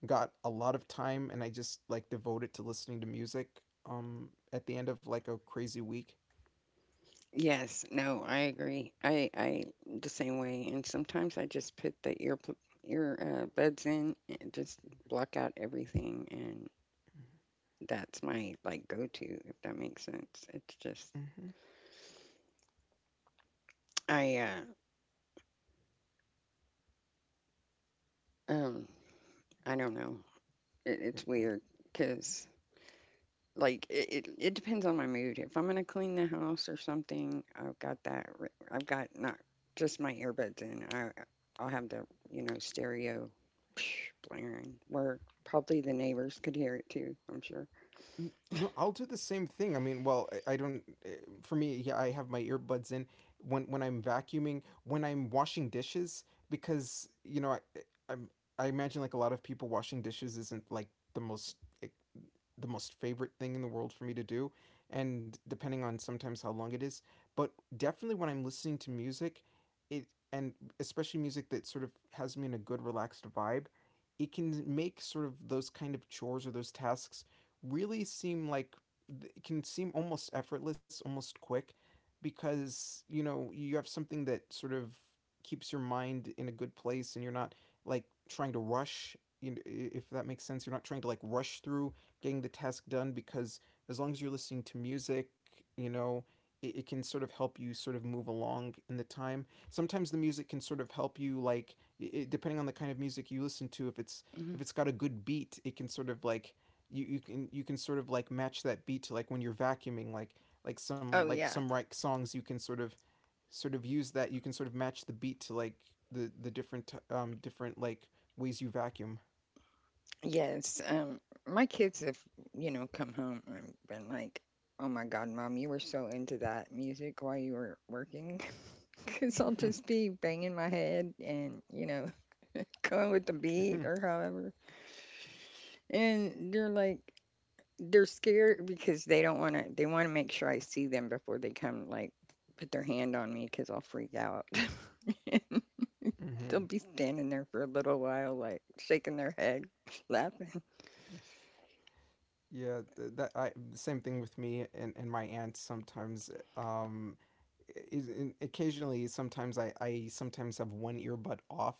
got a lot of time and I just like devote it to listening to music at the end of like a crazy week.
Yes, no, I agree. I the same way. And sometimes I just put the ear pl- ear buds in and just block out everything, and that's my like go to if that makes sense. It's just
Mm-hmm.
I uh um I don't know. It's weird because like it depends on my mood. If I'm gonna clean the house or something, I've got that. I've got not just my earbuds in. I I'll have the stereo *sniffs* blaring where probably the neighbors could hear it too. I'm sure.
No, I'll do the same thing. I mean, well, I don't. For me, yeah, I have my earbuds in when I'm vacuuming, when I'm washing dishes, because I, I'm I imagine, like, a lot of people washing dishes isn't like the most, eh, the most favorite thing in the world for me to do, and depending on sometimes how long it is. But definitely when I'm listening to music, it and especially music that sort of has me in a good, relaxed vibe, it can make sort of those kind of chores or those tasks really seem like it can seem almost effortless, almost quick, because you know you have something that sort of keeps your mind in a good place and you're not, like, trying to rush, you know, if that makes sense. You're not trying to, like, rush through getting the task done, because as long as you're listening to music, you know, it can sort of help you sort of move along in the time. Sometimes the music can sort of help you, like it, depending on the kind of music you listen to. If it's if
hmm
it's got a good beat, it can sort of, like — you can, sort of, like, match that beat to like when you're vacuuming, like some,
Oh yeah,
like songs, you can sort of, use that. You can sort of match the beat to, like, the different, different, like, ways you vacuum.
yes. My kids have come home and been like, "Oh my God, mom, you were so into that music while you were working," *laughs* because I'll
*laughs*
just be banging my head and *laughs* going with the beat
Mm-hmm.
or however. And they're like, they're scared because they don't want to, they want to make sure I see them before they come, like, put their hand on me because I'll freak out. *laughs* And they'll
Mm-hmm.
be standing there for a little while, like, shaking their head, *laughs* laughing.
Yeah, that I same thing with me and, my aunt sometimes. Occasionally, sometimes I sometimes have one earbud off,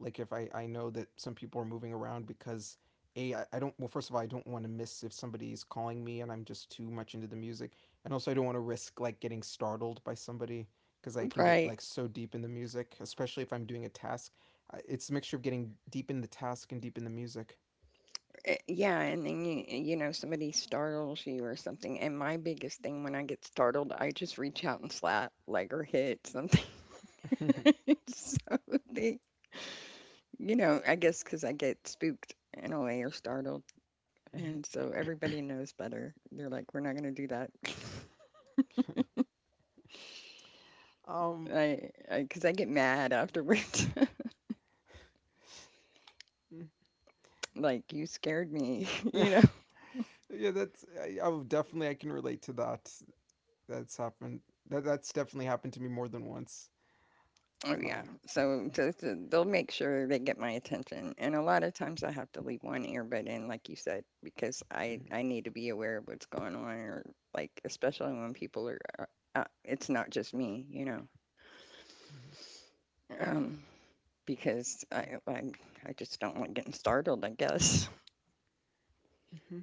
like if I know that some people are moving around, because a I don't, well, first of all, I don't want to miss if somebody's calling me and I'm just too much into the music, and also I don't want to risk, like, getting startled by somebody, because I can get,
Right.
like, so deep in the music, especially if I'm doing a task. It's a mixture of getting deep in the task and deep in the music.
Yeah. And then, you know, somebody startles you or something. And my biggest thing when I get startled, I just reach out and slap, like, or hit something.
*laughs* um.
*laughs* So they, you know, I guess because I get spooked in a way or startled. And so everybody knows better. They're like, we're not going to do that. *laughs*
Mm-hmm.
Cause I get mad afterwards. *laughs* Like, you scared me, *laughs* you know?
*laughs* Yeah, that's, I would definitely, I can relate to that. That's happened. That's definitely happened to me more than once.
Oh, yeah.
Um,
So they'll make sure they get my attention. And a lot of times I have to leave one earbud in, like you said, because I,
mhm.
I need to be aware of what's going on or like, especially when people are, it's not just me, you know?
Mhm.
Um, Because I just don't like getting startled, I guess.
Mhm.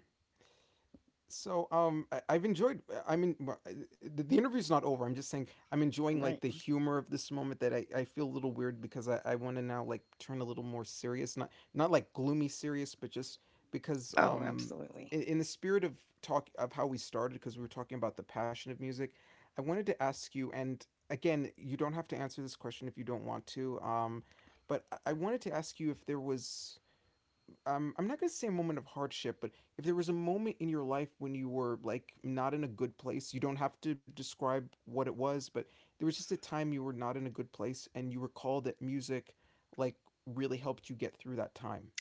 So, I've enjoyed. I mean, well, the, interview's not over. I'm just saying I'm enjoying, like,
Right.
the humor of this moment, that I feel a little weird because I want to now, like, turn a little more serious, not, like, gloomy serious, but just, because,
Oh, absolutely.
in, the spirit of talk of how we started, because we were talking about the passion of music, I wanted to ask you, and again, you don't have to answer this question if you don't want to. But I wanted to ask you if there was, I'm not going to say a moment of hardship, but if there was a moment in your life when you were, like, not in a good place — you don't have to describe what it was — but there was just a time you were not in a good place, and you recalled that music, like, really helped you get through that time.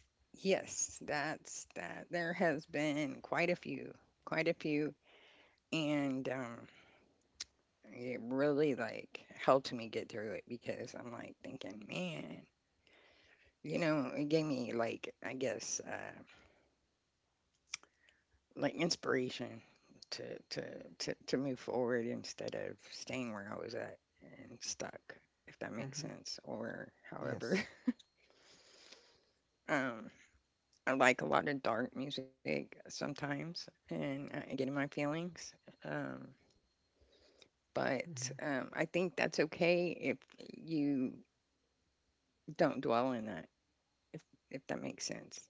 Yes, that's that. There has been quite a few, and it really like helped me get through it because I'm like thinking, man, you know, it gave me like I guess like inspiration to to to move forward instead of staying where I was at and stuck, if that makes
Mm-hmm.
sense, or however.
Yes.
*laughs* Um, I like a lot of dark music sometimes, and I get in my feelings. Um,
Mm-hmm.
but I think that's okay if you don't dwell in that, if if that makes sense.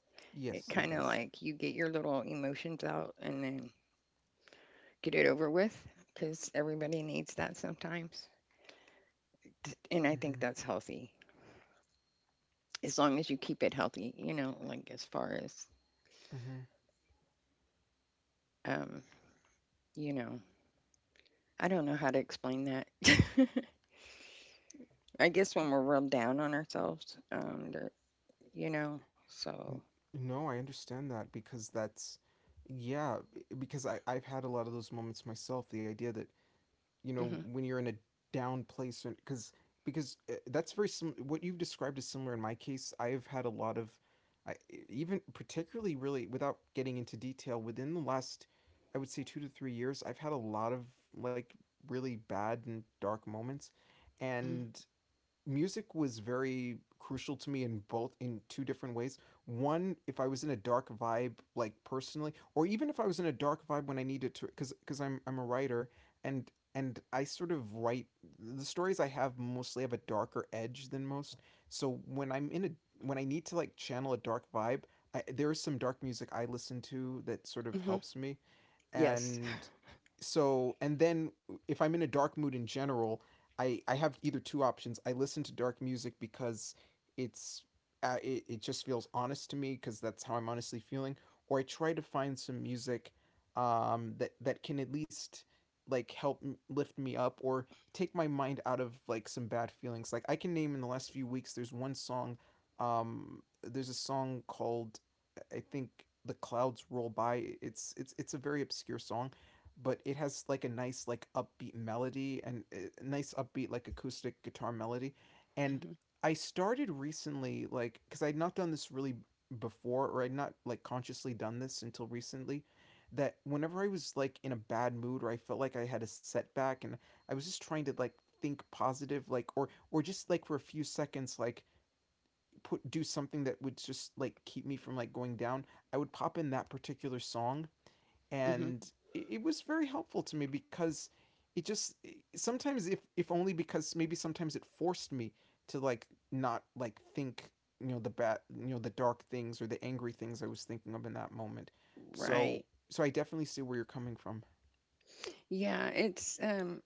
It
Yes, it
kind of
does.
like you get your little emotions out and then get it over with, because everybody needs that sometimes. And I think
Mm-hmm.
that's healthy, as long as you keep it healthy. You know, like as far as
Mm-hmm.
um, you know, I don't know how to explain that. *laughs* I guess when we're rubbed down on ourselves, there- you know, so.
N- no, I understand that, because that's, yeah, because I've had a lot of those moments myself. The idea that,
Hmm
when you're in a down place, because that's very what you've described is similar. In my case, I've had a lot of, I, even particularly really, without getting into detail, within the last, I would say, 2 to 3 years, I've had a lot of, like, really bad and dark moments.
hmm
And music was very crucial to me in both, in two different ways. One, if I was in a dark vibe, like, personally, or even if I was in a dark vibe when I needed to, because, I'm a writer, and and I sort of write, the stories I have mostly have a darker edge than most. So when I'm in a, when I need to, like, channel a dark vibe, there is some dark music I listen to that sort of
hmm
helps me.
Yes.
And so, and then, if I'm in a dark mood in general, I have either two options. I listen to dark music because it's it just feels honest to me, because that's how I'm honestly feeling. Or I try to find some music, that can at least, like, help lift me up or take my mind out of, like, some bad feelings. Like, I can name, in the last few weeks, there's one song, there's a song called, I think, "The Clouds Roll By." It's a very obscure song, but it has, like, a nice, like, upbeat melody, and a nice upbeat, like, acoustic guitar melody. And
hmm
I started recently, like, because I had not done this really before, or I'd not, like, consciously done this until recently, that whenever I was, like, in a bad mood, or I felt like I had a setback, and I was just trying to, like, think positive, like, or just, like, for a few seconds, like, put do something that would just, like, keep me from, like, going down, I would pop in that particular song.
hmm
And it was very helpful to me, because it just, sometimes, if only because, maybe sometimes, it forced me to, like, not, like, think, the bad, the dark things or the angry things I was thinking of in that moment. So,
Right.
I definitely see where you're coming from.
Yeah, it's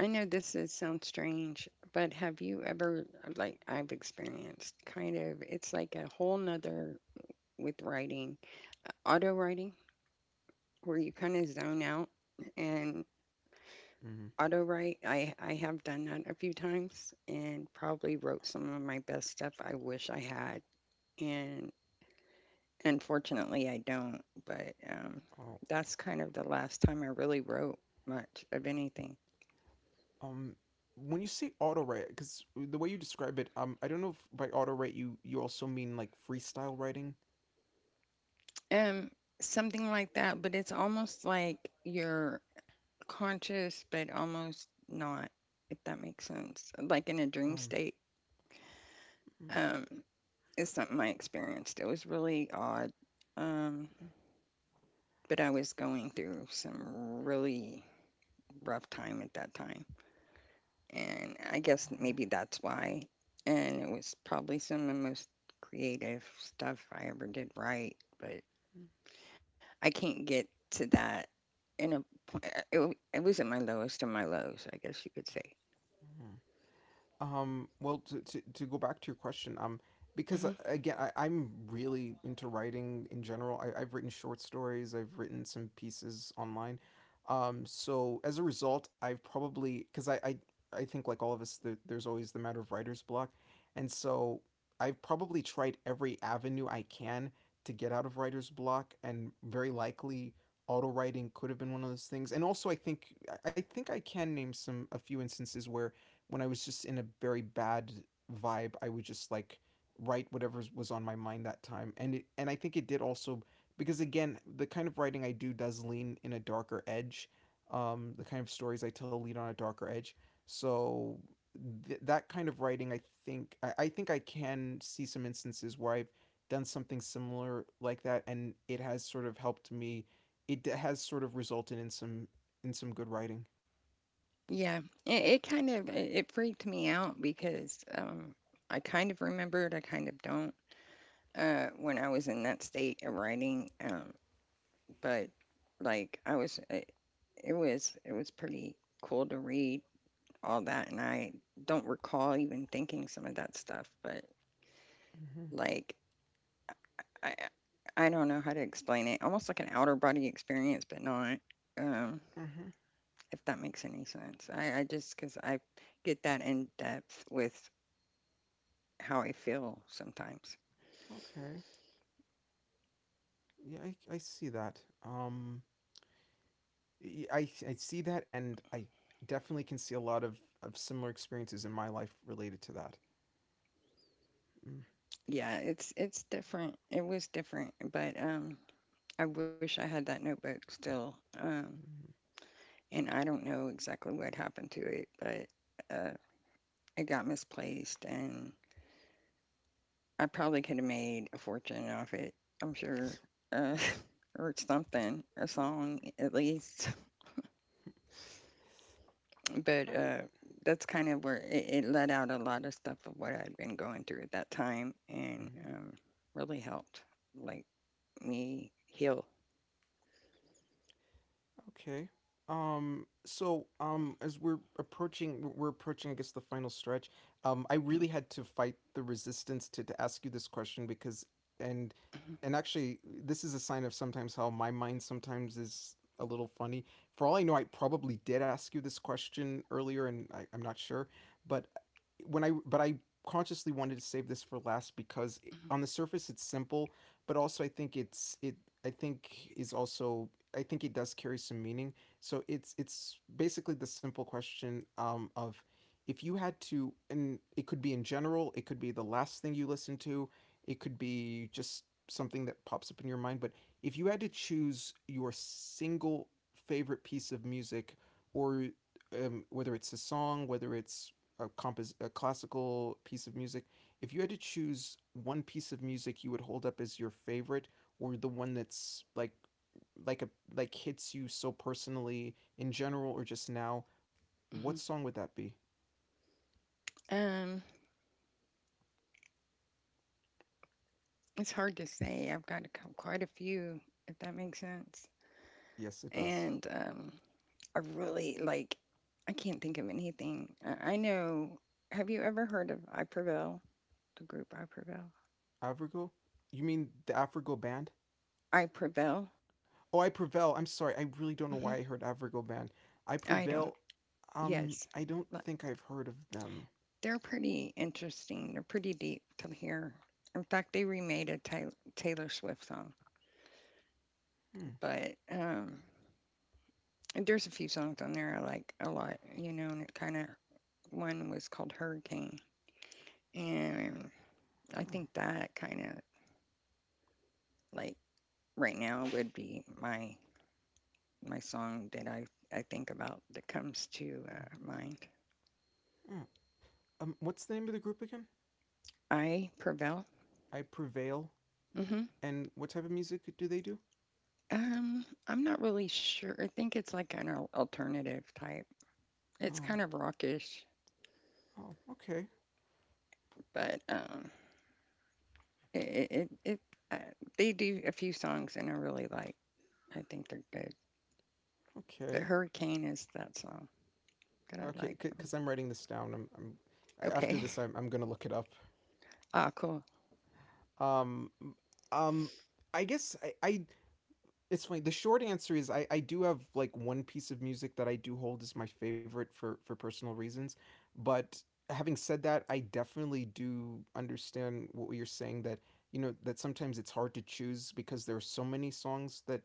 I know this is sounds strange, but have you ever like I've experienced kind of it's like a whole nother with writing, auto writing, where you kind of zone out and
Mm.
auto write. I have done that a few times and probably wrote some of my best stuff I wish I had. And unfortunately, I don't, but,
Oh.
that's kind of the last time I really wrote much of anything.
Um, when you say auto write, because the way you describe it, I don't know if by auto write you, also mean, like, freestyle writing.
Um, Something like that, but it's almost like you're conscious, but almost not, if that makes sense. Like in a dream
Um,
state,
mm, mm,
um, is something I experienced. It was really odd. Um,
mm,
but I was going through some really rough time at that time, and I guess
uh,
maybe that's why. And it was probably some of the most creative stuff I ever did write, but
mm,
I can't get to that in a. It, it was at my lowest of my lows, I guess you could say.
mm. Well, to go back to your question, because
Hmm
again, I'm really into writing in general. I've written short stories, I've written some pieces online. So, as a result, I've probably, because I think, like all of us, there's always the matter of writer's block. And so, I've probably tried every avenue I can to get out of writer's block, and very likely auto writing could have been one of those things. And also, I think I can name, some a few instances where, when I was just in a very bad vibe, I would just, like, write whatever was on my mind that time. And and I think it did also, because, again, the kind of writing I do does lean in a darker edge. The kind of stories I tell lean on a darker edge. So, that kind of writing, I think I can see some instances where I've done something similar like that, and it has sort of helped me. It has sort of resulted in some, good writing.
Yeah, it kind of it freaked me out because I kind of remember it, I kind of don't. When I was in that state of writing, but like I was, it was it was pretty cool to read all that, and I don't recall even thinking some of that stuff, but,
Mm-hmm.
like, I I don't know how to explain it, almost like an outer body experience, but not, um,
Mm-hmm.
if that makes any sense. I just because I get that in depth with how I feel sometimes.
Okay. Yeah, I see that. I see that, and I definitely can see a lot of, similar experiences in my life related to that. Mm-hmm.
Yeah, it's different. It was different, but, I wish I had that notebook still, and I don't know exactly what happened to it, but, uh, it got misplaced and I probably could have made a fortune off it, I'm sure, uh, *laughs* or something, a
All
song at least. *laughs* But
right.
that's kind of where it let out a lot of stuff of what I'd been going through at that time and
Mhm.
really helped, like, me heal.
Okay. So, as we're approaching, I guess, the final stretch. I really
*clears throat*
had to fight the resistance to, ask you this question, because, and and actually this is a sign of sometimes how my mind sometimes is a little funny. For all I know, I probably did ask you this question earlier, and I'm not sure, but when I but I consciously wanted to save this for last, because, on the surface, it's simple, but also I think it's it I think is also, I think it does carry some meaning. So it's basically the simple question, of, if you had to — and it could be in general, it could be the last thing you listen to, it could be just something that pops up in your mind — but if you had to choose your single favorite piece of music, or, whether it's a song, whether it's a classical piece of music, if you had to choose one piece of music you would hold up as your favorite, or the one that's like a like hits you so personally in general or just now, what song would that be?
Um, it's hard to say. I've got a, quite a few, if that makes sense.
Yes, it does.
And I really like. I can't think of anything. I know. Have you ever heard of I Prevail? The group I Prevail.
Afrigo? You mean the Afrigo band?
I Prevail.
Oh, I Prevail. I'm sorry. I really don't know
Hmm
why I heard Afrigo band. I
I don't.
Prevail.
Yes,
I don't
but
think I've heard of them.
they're pretty interesting. They're pretty deep to hear. In fact, they remade a Taylor Swift song,
Hmm.
but there's a few songs on there I like a lot. You know, and it kind of one was called Hurricane, and I
Huh.
think that kind of like right now would be my my song that I think about that comes to
Mhm.
mind.
Huh. What's the name of the group again?
I Prevail.
I Prevail.
Hmm
And what type of music do they do?
I'm not really sure. I think it's like an alternative type. It's
Oh,
kind of rockish,
oh, okay,
but it it, it uh, they do a few songs and I really like. I think they're good. The
okay,
Hurricane is that song that I
okay.
like. From,
Because I'm writing this down, I'm, after
okay,
this. I'm gonna look it up.
*laughs* ah, cool.
Um, um, I guess, I, it's funny. The short answer is, I do have like one piece of music that I do hold as my favorite for personal reasons, but having said that, I definitely do understand what you're saying, that, that sometimes it's hard to choose, because there are so many songs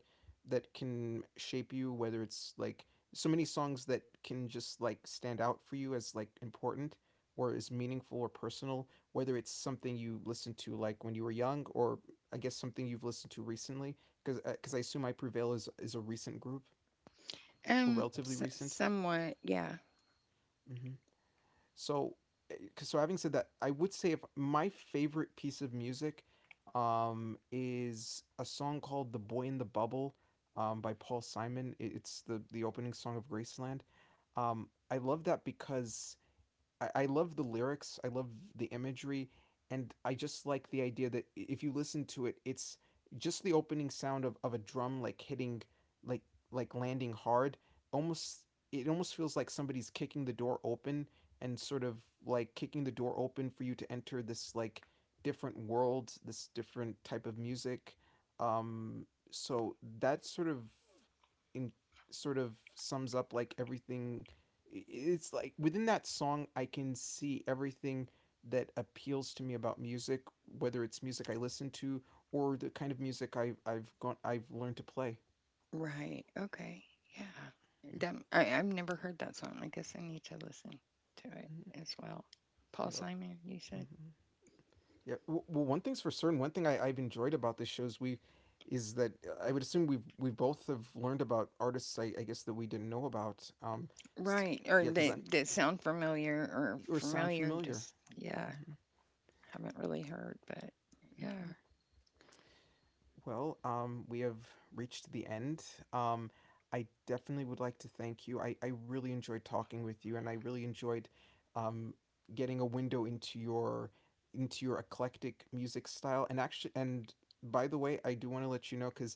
that can shape you, whether it's, like, so many songs that can just, like, stand out for you as, like, important, or as meaningful or personal, whether it's something you listened to, like, when you were young, or, I guess, something you've listened to recently, because, I assume I Prevail is a recent group, or relatively
S
recent.
Somewhat, yeah.
Mm-hmm. So, eh, having said that, I would say, if my favorite piece of music, is a song called "The Boy in the Bubble," by Paul Simon. It's the opening song of Graceland. I love that because I love the lyrics. I love the imagery, and I just like the idea that if you listen to it, it's just the opening sound of a drum like hitting, like like landing hard. Almost, it almost feels like somebody's kicking the door open and sort of like kicking the door open for you to enter this like different world, this different type of music. Um, so that sort of in sort of Sums up like everything, it's like within that song I can see everything that appeals to me about music, whether it's music I listen to or the kind of music I've gone I've learned to play.
Right. Okay. Yeah. That, I've never heard that song. I guess I need to listen to it
Mm-hmm.
as well. Paul
Yeah.
Simon, you said?
Mm-hmm. Well, one thing's for certain, one I've enjoyed about this show is that I would assume we both have learned about I guess that we didn't know about. um s-
Right. Or
yeah because i'm
they sound familiar or
or sound
familiar,
familiar.
just, yeah,
Mm-hmm.
haven't really heard, but yeah.
Mm-hmm. Well, we have reached the end. Um, I definitely would like to thank you. I really enjoyed talking with you, and I really enjoyed um, getting a window into your eclectic music style. And actually, and by the way, I do want to let you know because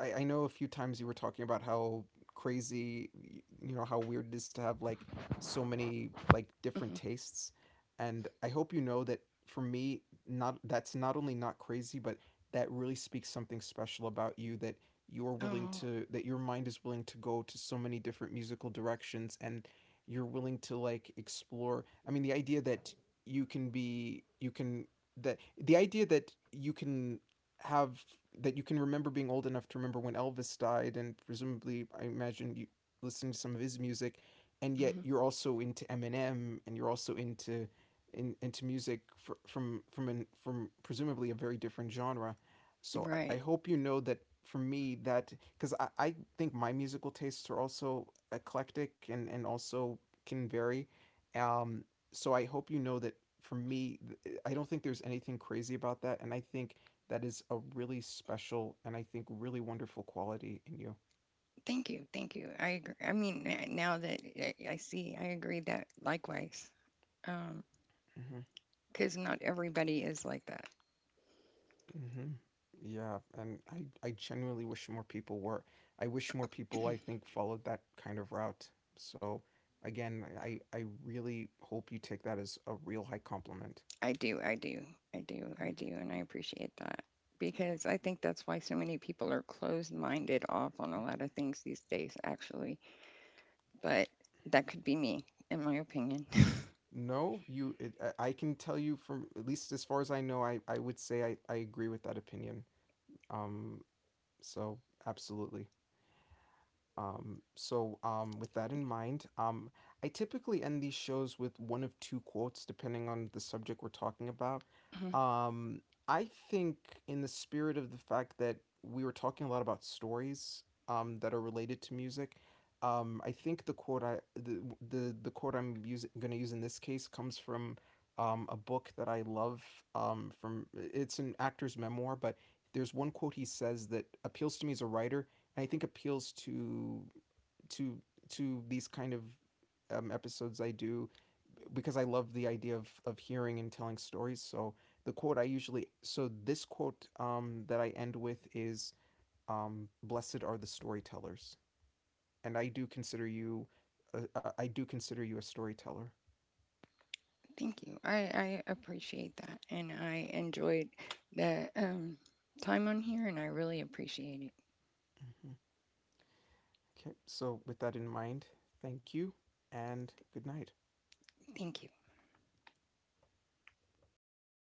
I know a few times you were talking about how crazy, how weird it is to have like so many like different
hmm
tastes, and I hope you know that for me, not that's not only not crazy, but that really speaks something special about you, that you're willing
Oh,
to that your mind is willing to go to so many different musical directions and you're willing to like explore. I mean, the idea that you can be you can that the idea that you can have that you can remember being old enough to remember when Elvis died, and presumably I imagine you listening to some of his music, and yet
hmm
you're also into Eminem and you're also into music from presumably a very different genre. So I
right.
hope you know that for me that, because I think my musical tastes are also eclectic and also can vary. Um, so I hope you know that for me, I don't think there's anything crazy about that. And I think that is a really special and I think really wonderful quality in you.
Thank you. Thank you. I agree. I mean, now that I see, I agree that likewise. Um,
Mhm.
because not everybody is like that.
Hmm. Yeah, and I genuinely wish more people were. I wish more people I think followed that kind of route. So again, I really hope you take that as a real high compliment.
I do, I do, I do, I do, and I appreciate that because I think that's why so many people are closed minded off on a lot of things these days, actually. But that could be me, in my opinion. *laughs*
No, you it, I can tell you from at least as far as I know, I would say I agree with that opinion. Um, so absolutely. With that in mind, I typically end these shows with one of two quotes, depending on the subject we're talking about.
Mhm.
Um, I think, in the spirit of the fact that we were talking a lot about stories, that are related to music, I think the quote I'm using going to use in this case comes from, a book that I love. From It's an actor's memoir, but there's one quote he says that appeals to me as a writer, I think appeals to to these kind of episodes I do, because I love the idea of hearing and telling stories. So the quote I usually so this quote, that I end with is, "Blessed are the storytellers," and I do consider you, I do consider you a storyteller.
Thank you. I appreciate that, and I enjoyed the time on here, and I really appreciate it.
Hmm. Okay, so with that in mind, thank you and good night.
Thank you.